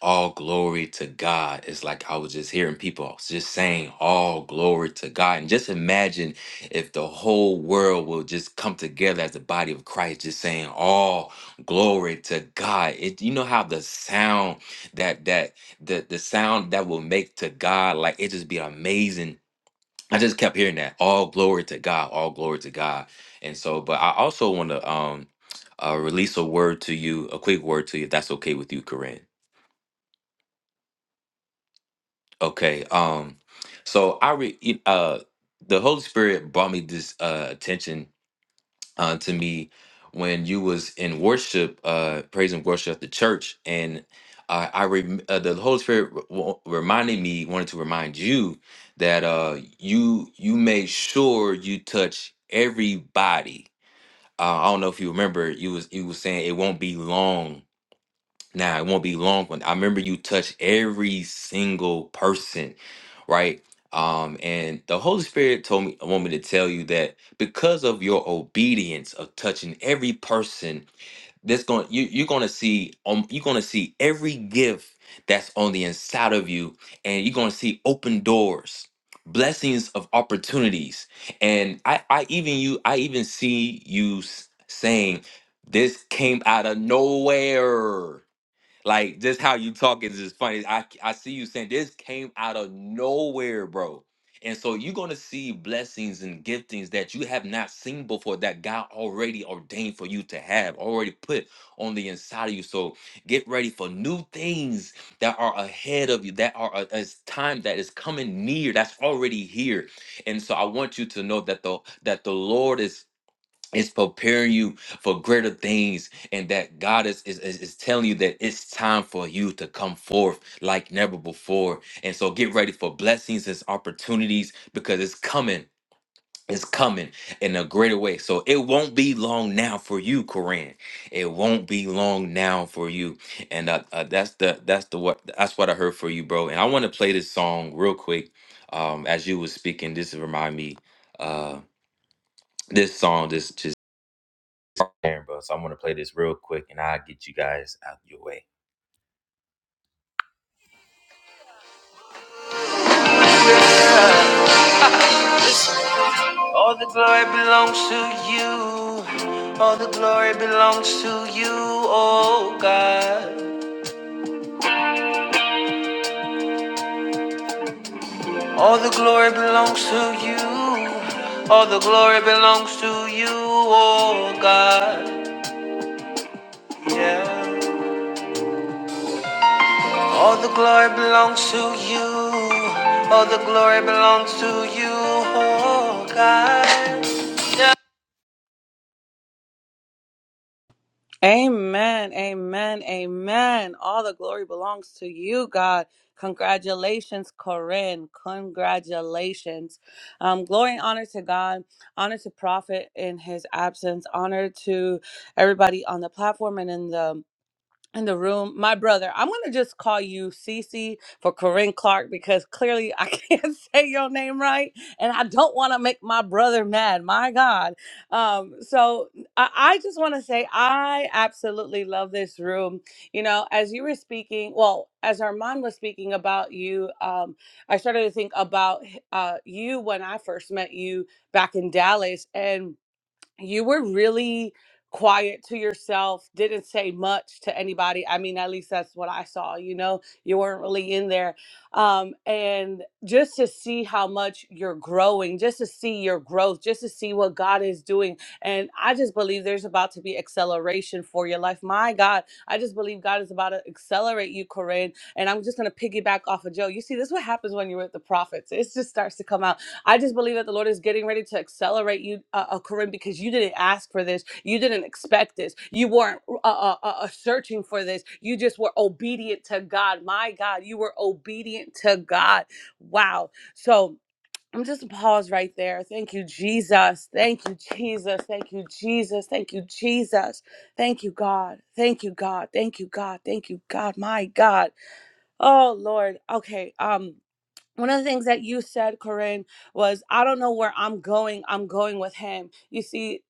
[SPEAKER 1] All glory to God. It's like I was just hearing people just saying, All glory to God. And just imagine if the whole world will just come together as the body of Christ, just saying, All glory to God. It, you know how the sound that, that, the, the sound that will make to God, like it just be amazing. I just kept hearing that. All glory to God. All glory to God. And so, but I also want to, um, uh, release a word to you, a quick word to you, if that's okay with you, Corinne. Okay. Um. So I re you- uh the Holy Spirit brought me this uh attention uh, to me when you was in worship, uh praise and worship at the church, and I I rem- uh, the Holy Spirit re- wa- reminded me wanted to remind you that uh you you made sure you touch everybody. Uh, I don't know if you remember you was you was saying it won't be long now, it won't be long when I remember you touched every single person, right? Um, and the Holy Spirit told me, want me to tell you that because of your obedience of touching every person, that's going you you're going to see um you're going to see every gift that's on the inside of you, and you're going to see open doors, blessings of opportunities, and I I even you I even see you s- saying this came out of nowhere like just how you talk is just funny. I I see you saying this came out of nowhere, bro. And so you're gonna see blessings and giftings that you have not seen before that God already ordained for you to have, already put on the inside of you. So get ready for new things that are ahead of you, that are a- as time that is coming near, that's already here. And so I want you to know that the that the Lord is it's preparing you for greater things and that god is, is is is telling you that it's time for you to come forth like never before and so get ready for blessings and opportunities because it's coming it's coming in a greater way so it won't be long now for you koran it won't be long now for you and uh, uh, that's the that's the what that's what i heard for you bro and i want to play this song real quick um as you was speaking this remind me uh this song this just. Aaron, bro. So I'm gonna play this real quick, and I'll get you guys out your way. All the glory belongs to you. All the glory belongs to you, oh God. All the glory belongs to you. All the glory belongs to you, oh God. Yeah. All the glory belongs to you. All the glory belongs to you, oh God. Yeah.
[SPEAKER 3] Amen. Amen. Amen. All the glory belongs to you, God. Congratulations, Corinne. Congratulations. Um, glory and honor to God. Honor to Prophet in his absence. Honor to everybody on the platform and in the in the room, my brother. I'm gonna just call you Cece for Corinne Clark because clearly I can't say your name right, and I don't want to make my brother mad. My God. Um, so I, I just want to say I absolutely love this room. You know, as you were speaking, well, as Armand was speaking about you, um, I started to think about uh, you when I first met you back in Dallas, and you were really quiet to yourself, didn't say much to anybody. I mean, at least that's what I saw, you know, you weren't really in there. Um, and just to see how much you're growing, just to see your growth, just to see what God is doing. And I just believe there's about to be acceleration for your life. My God, I just believe God is about to accelerate you, Corinne. And I'm just going to piggyback off of Joe. You see, this is what happens when you're with the prophets. It just starts to come out I just believe that the Lord is getting ready to accelerate you, uh, uh, Corinne, because you didn't ask for this. You didn't expect this. You weren't uh, uh, uh, uh, searching for this. You just were obedient to God. My God, you were obedient to God. Wow. So I'm just pause right there. Thank you, Jesus. Thank you, Jesus. Thank you, Jesus. Thank you, Jesus. Thank you, God. Thank you, God. Thank you, God. Thank you, God. My God. Oh Lord. Okay. Um one of the things that you said, Corinne, was I don't know where I'm going. I'm going with him. You see,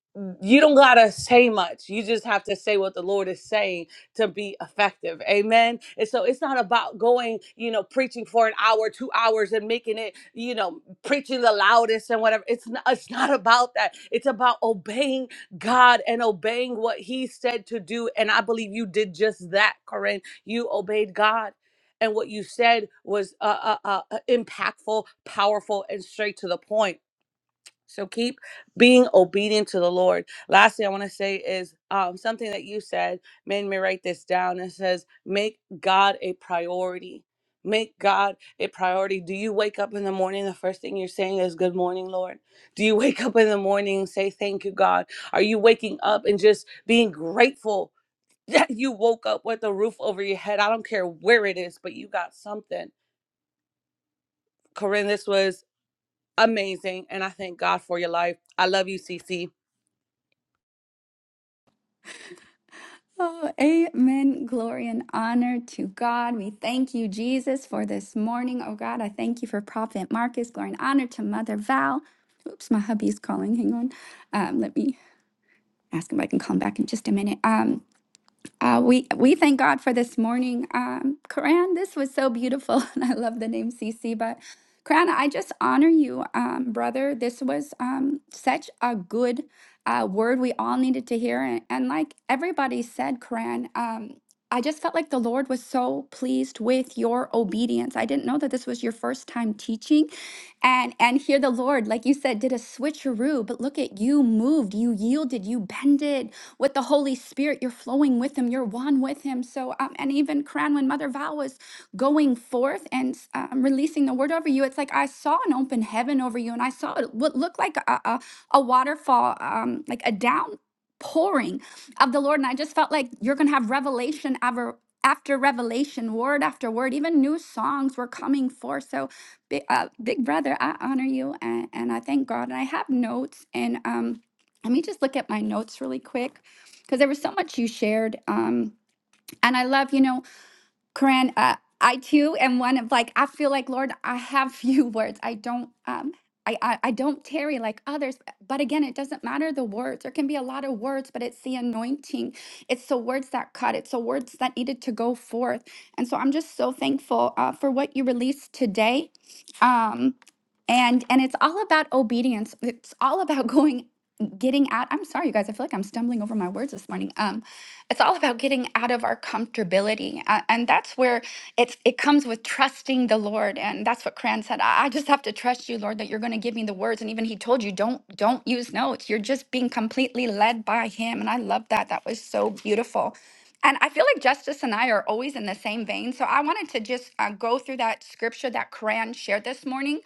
[SPEAKER 3] you don't gotta say much. You just have to say what the Lord is saying to be effective. Amen. And so it's not about going, you know, preaching for an hour, two hours, and making it, you know, preaching the loudest and whatever. It's not, it's not about that. It's about obeying God and obeying what He said to do. And I believe you did just that, Corinne. You obeyed God and what you said was uh, uh, uh, uh, impactful, powerful, and straight to the point. So keep being obedient to the Lord. Lastly, I want to say is um, something that you said made me write this down. It says, "Make God a priority." Make God a priority. Do you wake up in the morning? The first thing you're saying is, Good morning, Lord. Do you wake up in the morning and say, Thank you, God? Are you waking up and just being grateful that you woke up with a roof over your head. I don't care where it is, but you got something. Corinne, this was amazing. And I thank God for your life. I love you, Cece.
[SPEAKER 11] Oh, amen. Glory and honor to God. We thank you, Jesus, for this morning. Oh, God, I thank you for Prophet Marcus. Glory and honor to Mother Val. Oops, my hubby's calling. Hang on. Um, let me ask him if I can call him back in just a minute. Um. Uh, we we thank God for this morning, um, Karan. This was so beautiful, and I love the name CC. But Karan, I just honor you, um, brother. This was um, such a good uh, word we all needed to hear, and, and like everybody said, Karan. Um, I just felt like the Lord was so pleased with your obedience. I didn't know that this was your first time teaching, and and here the Lord, like you said, did a switcheroo. But look at you moved, you yielded, you bended with the Holy Spirit. You're flowing with Him. You're one with Him. So, um, and even Quran, when Mother Val was going forth and um, releasing the word over you, it's like I saw an open heaven over you, and I saw it- what looked like a, a, a waterfall, um, like a down pouring of the Lord. And I just felt like you're going to have revelation ever after revelation, word after word. Even new songs were coming forth. So, big, uh, big brother, I honor you and, and I thank God. And I have notes. And um, let me just look at my notes really quick because there was so much you shared. Um, and I love, you know, Corinne, uh, I too am one of like, I feel like, Lord, I have few words. I don't, um, I, I, I don't tarry like others. But again, it doesn't matter the words. There can be a lot of words, but it's the anointing. It's the words that cut. It's the words that needed to go forth. And so I'm just so thankful uh, for what you released today. Um, and and it's all about obedience. It's all about going getting out. I'm sorry, you guys. I feel like I'm stumbling over my words this morning. Um. It's all about getting out of our comfortability. a- And that's where it's it comes with trusting the Lord. And that's what Cran said. I I just have to trust you, Lord, that you're going to give me the words. And even he told you, don't don't use notes. You're just being completely led by him. And I love that. That was so beautiful. And I feel like Justice and I are always in the same vein. So I wanted to just uh, go through that scripture that Cran shared this morning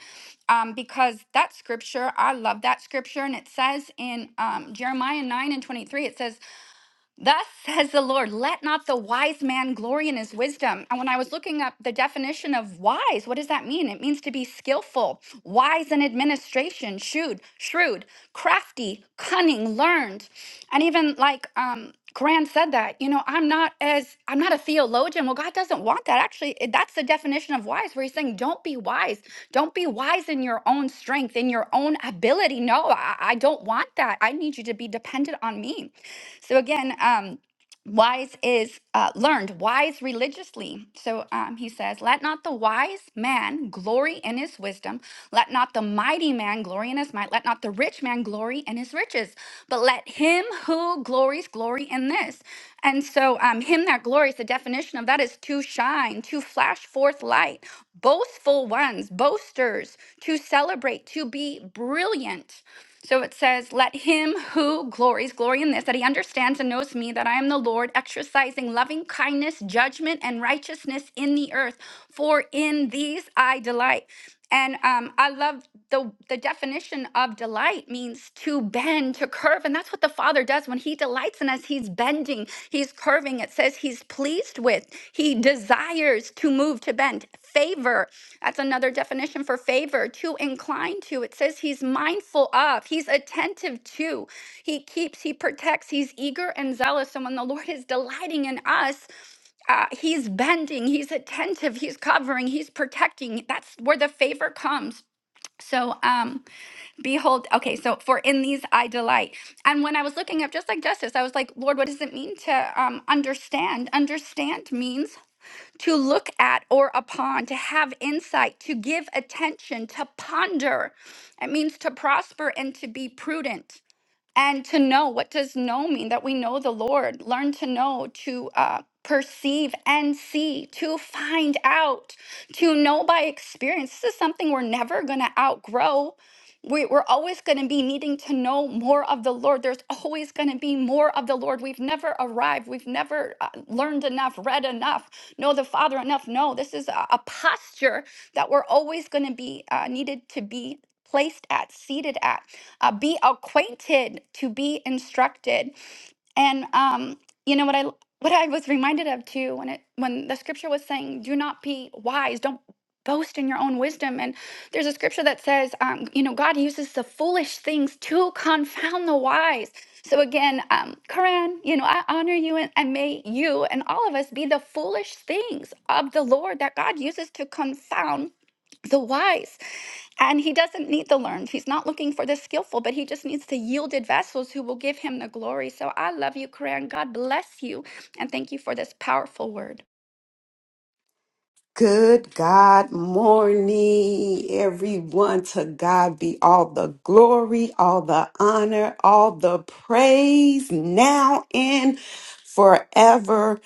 [SPEAKER 11] um, because that scripture, I love that scripture. And it says in um, Jeremiah 9 and 23, it says, Thus says the Lord, let not the wise man glory in his wisdom. And when I was looking up the definition of wise, what does that mean? It means to be skillful, wise in administration, shrewd, shrewd, crafty, cunning, learned. And even like um Grant said that, you know, I'm not as I'm not a theologian. Well, God doesn't want that. Actually, it- that's the definition of wise, where he's saying, don't be wise. Don't be wise in your own strength, in your own ability. No, I, I don't want that. I need you to be dependent on me. So again, um, wise is uh, learned, wise religiously. So um, he says, Let not the wise man glory in his wisdom, let not the mighty man glory in his might, let not the rich man glory in his riches, but let him who glories glory in this. And so, um, him that glories, the definition of that is to shine, to flash forth light, boastful ones, boasters, to celebrate, to be brilliant. So it says, Let him who glories, glory in this, that he understands and knows me, that I am the Lord, exercising loving kindness, judgment, and righteousness in the earth, for in these I delight. And um, I love the, the definition of delight means to bend, to curve. And that's what the Father does when He delights in us. He's bending, He's curving. It says He's pleased with, He desires to move, to bend, favor, that's another definition for favor, to incline to. It says he's mindful of, he's attentive to, he keeps, he protects, he's eager and zealous. And when the Lord is delighting in us, uh, he's bending, he's attentive, he's covering, he's protecting. That's where the favor comes. So, um, behold, okay, so for in these I delight. And when I was looking up, just like justice, I was like, Lord, what does it mean to um, understand? Understand means to look at or upon, to have insight, to give attention, to ponder. It means to prosper and to be prudent and to know what does know mean that we know the lord learn to know to uh, perceive and see to find out to know by experience this is something we're never going to outgrow we, we're always going to be needing to know more of the lord there's always going to be more of the lord we've never arrived we've never uh, learned enough read enough know the father enough no this is a, a posture that we're always going to be uh, needed to be placed at seated at uh, be acquainted, to be instructed. And um, you know what I what I was reminded of too when it when the scripture was saying, "Do not be wise. Don't boast in your own wisdom." And there's a scripture that says, um, you know, God uses the foolish things to confound the wise. So again, um, Koran, you know, I honor you and, and may you and all of us be the foolish things of the Lord that God uses to confound the wise. And he doesn't need the learned. He's not looking for the skillful, but he just needs the yielded vessels who will give him the glory. So I love you, Koran. God bless you. And thank you for this powerful word.
[SPEAKER 12] Good God morning, everyone. To God be all the glory, all the honor, all the praise now and forevermore.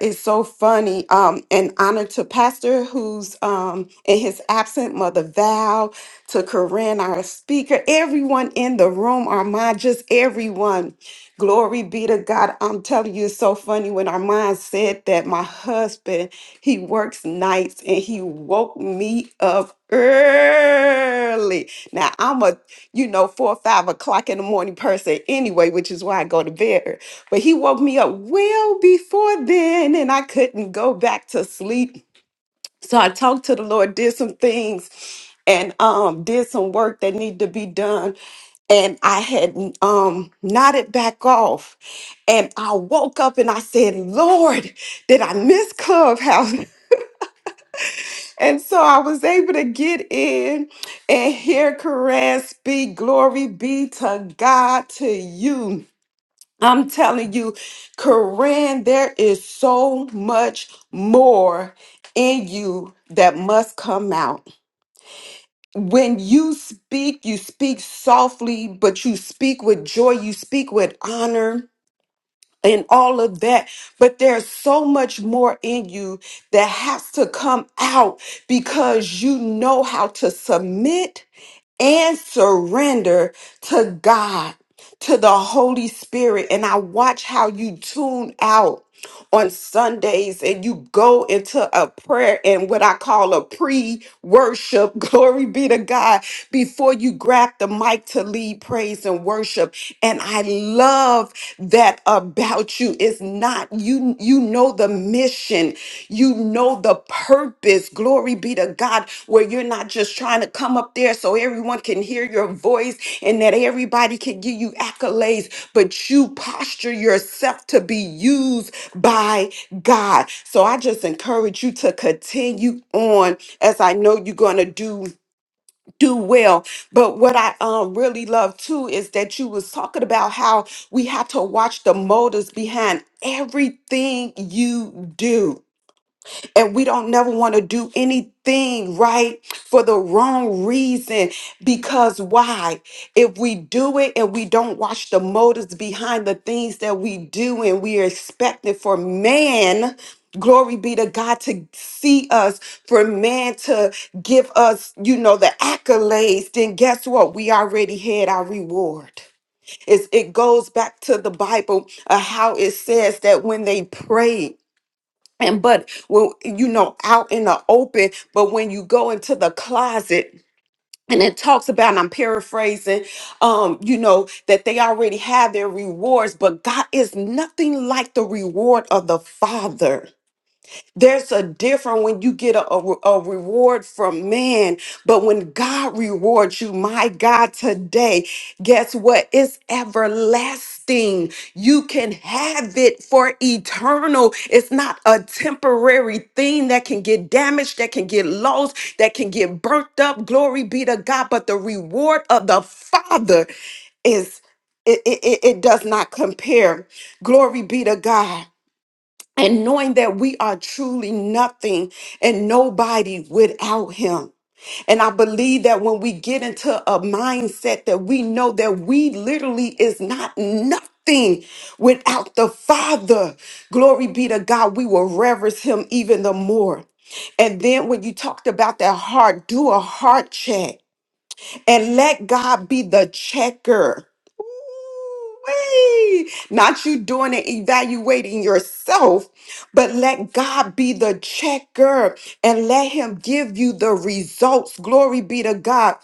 [SPEAKER 12] It's so funny. Um, and honor to Pastor who's um in his absent mother Val, to Corinne, our speaker, everyone in the room, Armand, just everyone. Glory be to God. I'm telling you, it's so funny when Armand said that my husband, he works nights and he woke me up early. Now I'm a, you know, four or five o'clock in the morning person anyway, which is why I go to bed. early. But he woke me up well before then and I couldn't go back to sleep so I talked to the Lord, did some things, and um, did some work that needed to be done. And I had um, nodded back off. And I woke up and I said, Lord, did I miss Clubhouse? And so I was able to get in and hear Koran speak. Glory be to God, to you. I'm telling you, Koran, there is so much more in you that must come out. when you speak, you speak softly, but you speak with joy, you speak with honor and all of that. But there's so much more in you that has to come out because you know how to submit and surrender to God, to the Holy Spirit. And I watch how you tune out on Sundays and you go into a prayer and what I call a pre worship, glory be to God, before you grab the mic to lead praise and worship. And I love that about you. It's not you you know the mission. You know the purpose. Glory be to God where you're not just trying to come up there so everyone can hear your voice and that everybody can give you accolades, but you posture yourself to be used by God. So I just encourage you to continue on as I know you're going to do do well. But what I um really love too is that you was talking about how we have to watch the motives behind everything you do and we don't never want to do anything right for the wrong reason. Because why? If we do it and we don't watch the motives behind the things that we do and we are expecting for man, glory be to God to see us, for man to give us, you know, the accolades, then guess what? We already had our reward. It's, it goes back to the Bible of how it says that when they prayed, and but when you know out in the open but when you go into the closet and it talks about and i'm paraphrasing um you know that they already have their rewards but god is nothing like the reward of the father there's a difference when you get a, a, a reward from man, but when God rewards you, my God, today, guess what? It's everlasting. You can have it for eternal. It's not a temporary thing that can get damaged, that can get lost, that can get burnt up. Glory be to God. But the reward of the Father is it, it, it it does not compare. Glory be to God and knowing that we are truly nothing and nobody without him. And I believe that when we get into a mindset that we know that we literally is not nothing without the Father, glory be to God, we will reverence him even the more. And then when you talked about that heart, do a heart check and let God be the checker. Ooh-wee. Not you doing and evaluating yourself, but let God be the checker and let Him give you the results. Glory be to God.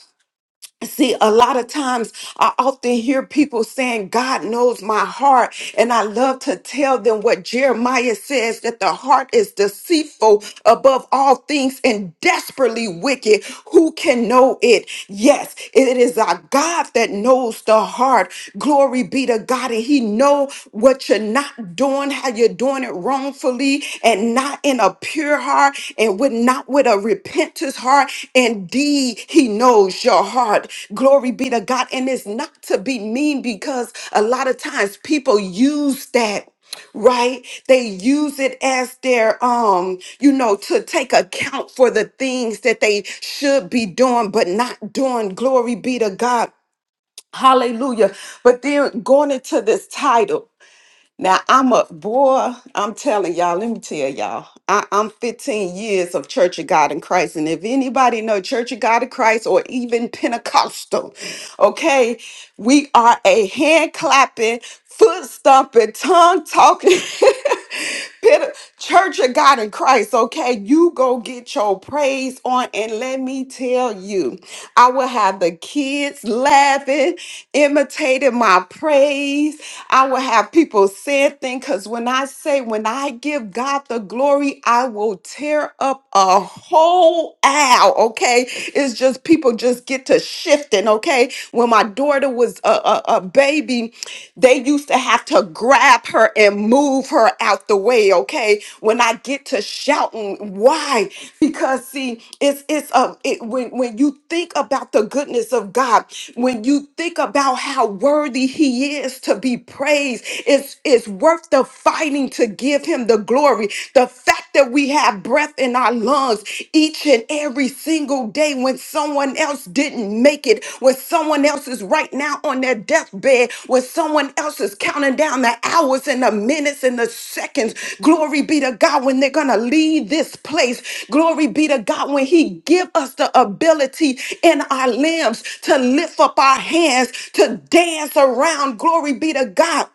[SPEAKER 12] See, a lot of times I often hear people saying, God knows my heart. And I love to tell them what Jeremiah says that the heart is deceitful above all things and desperately wicked. Who can know it? Yes, it is our God that knows the heart. Glory be to God. And he know what you're not doing, how you're doing it wrongfully and not in a pure heart and with not with a repentance heart. Indeed, he knows your heart. Glory be to God. And it's not to be mean because a lot of times people use that right they use it as their um you know to take account for the things that they should be doing but not doing glory be to god Hallelujah. But then going into this title, now I'm a boy, I'm telling y'all, let me tell y'all, I, I'm 15 years of Church of God in Christ. And if anybody know Church of God in Christ or even Pentecostal, okay, we are a hand clapping, foot stomping, tongue talking. Pit- Church of God in Christ, okay? You go get your praise on, and let me tell you, I will have the kids laughing, imitating my praise. I will have people saying things because when I say, when I give God the glory, I will tear up a whole aisle, okay? It's just people just get to shifting, okay? when my daughter was a, a, a baby, they used to have to grab her and move her out the way, okay? When I get to shouting, why? Because see, it's it's a it, when when you think about the goodness of God, when you think about how worthy he is to be praised, it's it's worth the fighting to give him the glory. The fact that we have breath in our in our lungs each and every single day when someone else didn't make it, when someone else is right now on their deathbed, when someone else is counting down the hours and the minutes and the seconds. Glory be to God when they're going to leave this place. Glory be to God when he give us the ability in our limbs to lift up our hands, to dance around. Glory be to God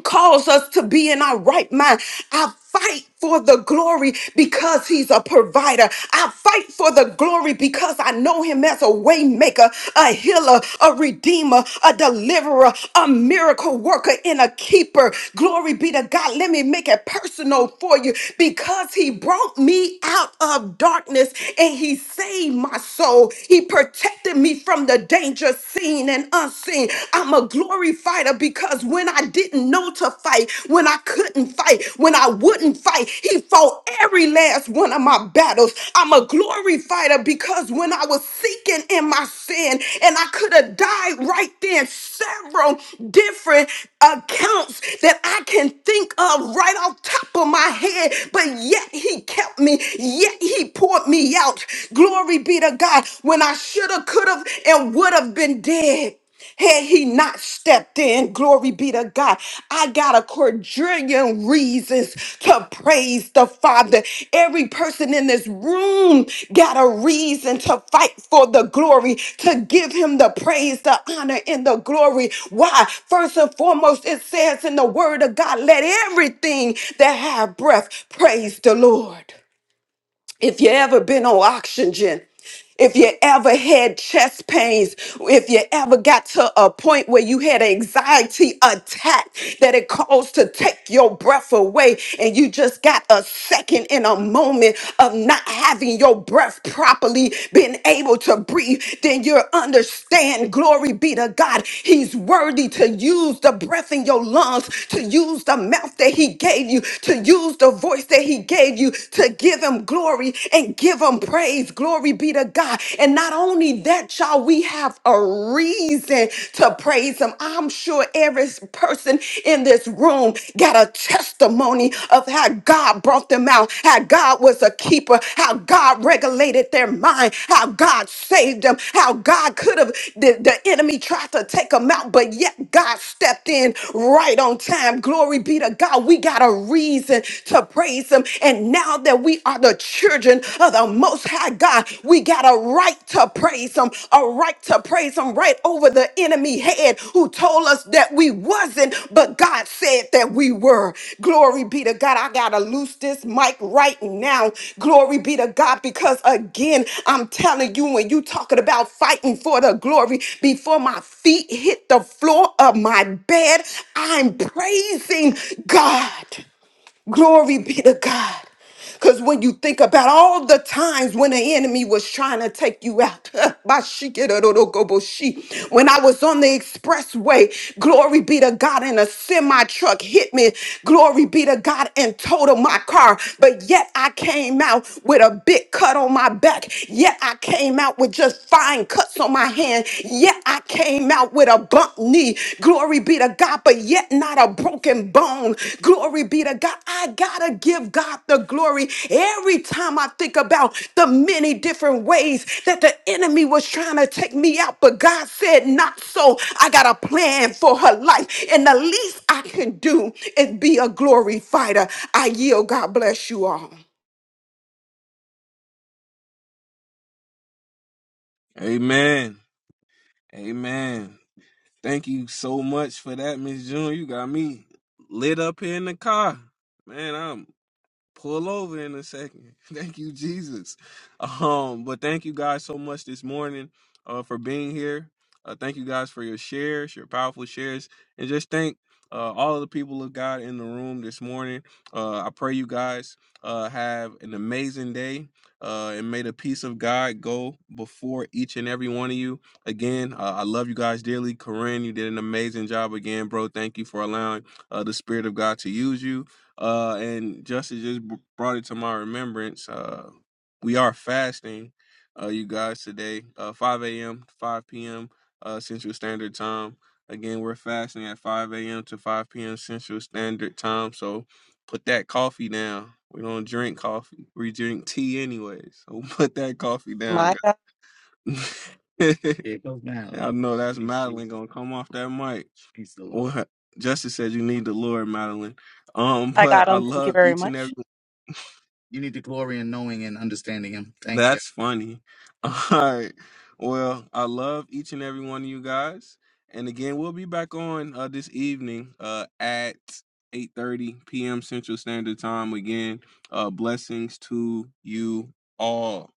[SPEAKER 12] and cause us to be in our right mind. I fight for the glory because he's a provider. I fight for the glory because I know him as a waymaker, a healer, a redeemer, a deliverer, a miracle worker, and a keeper. Glory be to God. Let me make it personal for you because he brought me out of darkness and he saved my soul. He protected me from the danger seen and unseen unseen. I'm a glory fighter because when I didn't know to fight, when I couldn't fight, when I wouldn't fight, he fought every last one of my battles. I'm a glory fighter because when I was seeking in my sin and I could have died right then, several different accounts that I can think of right off top of my head, but yet he kept me, yet he poured me out. Glory be to God when I should have, could have, and would have been dead. Had he not stepped in, glory be to God. I got a quadrillion reasons to praise the Father. Every person in this room got a reason to fight for the glory, to give him the praise, the honor, and the glory. Why? First and foremost, it says in the word of God, let everything that have breath praise the Lord if you ever been on oxygen, if you ever had chest pains, if you ever got to a point where you had an anxiety attack that it caused to take your breath away, and you just got a second in a moment of not having your breath properly, being able to breathe, then you understand, glory be to God, He's worthy to use the breath in your lungs, to use the mouth that He gave you, to use the voice that He gave you, to give him glory and give him praise. Glory be to God. And not only that, y'all, we have a reason to praise him. I'm sure every person in this room got a testimony of how God brought them out, how God was a keeper, how God regulated their mind, how God saved them, how God could have, the, the enemy tried to take them out, but yet God stepped in right on time. Glory be to God. We got a reason to praise praise Him. And now that we are the children of the Most High God, we got a right to praise Him, a right to praise Him right over the enemy head who told us that we wasn't, but God said that we were. Glory be to God. I got to loose this mic right now. Glory be to God because again, I'm telling you, when you talking about fighting for the glory before my feet hit the floor of my bed, I'm praising God. Glory be to God. Because when you think about all the times when the enemy was trying to take you out, Bashikirororogoboshi. when I was on the expressway, glory be to God, and a semi truck hit me, glory be to God, and totaled my car. But yet I came out with a big cut on my back. Yet I came out with just fine cuts on my hand. Yet I came out with a bump knee. Glory be to God, but yet not a broken bone. Glory be to God. I gotta give God the glory every time I think about the many different ways that the enemy was trying to take me out, but God said, Not so. I got a plan for her life, and the least I can do is be a glory fighter. I yield. God bless you all.
[SPEAKER 7] Amen. Amen. Thank you so much for that, Miss June. You got me lit up here in the car. Man, pull over in a second. Thank you, Jesus. Um, but thank you guys so much this morning uh, for being here. Uh, thank you guys for your shares, your powerful shares, and just thank uh, all of the people of God in the room this morning. Uh, I pray you guys uh, have an amazing day, uh, and may the peace of God go before each and every one of you. Again, uh, I love you guys dearly. Corinne, you did an amazing job again, bro. Thank you for allowing uh, the Spirit of God to use you uh, and Justice just b- brought it to my remembrance. Uh, we are fasting, uh, you guys, today, uh, 5 a.m. to 5 p.m. Uh, Central Standard Time. Again, we're fasting at 5 a.m. to 5 p.m. Central Standard Time. So put that coffee down. We don't drink coffee. We drink tea anyways. So put that coffee down,
[SPEAKER 3] My God.
[SPEAKER 7] I Here I know that's Madeline gonna come off that mic. What Justice said, you need the Lord, Madeline. Um,
[SPEAKER 3] I got
[SPEAKER 7] but I
[SPEAKER 3] them. Thank you
[SPEAKER 7] love
[SPEAKER 3] very
[SPEAKER 7] each and
[SPEAKER 3] much.
[SPEAKER 7] every. That's funny. All right. Well, I love each and every one of you guys. And again, we'll be back on uh, this evening uh, at 8.30 p.m. Central Standard Time. Again, uh, blessings to you all.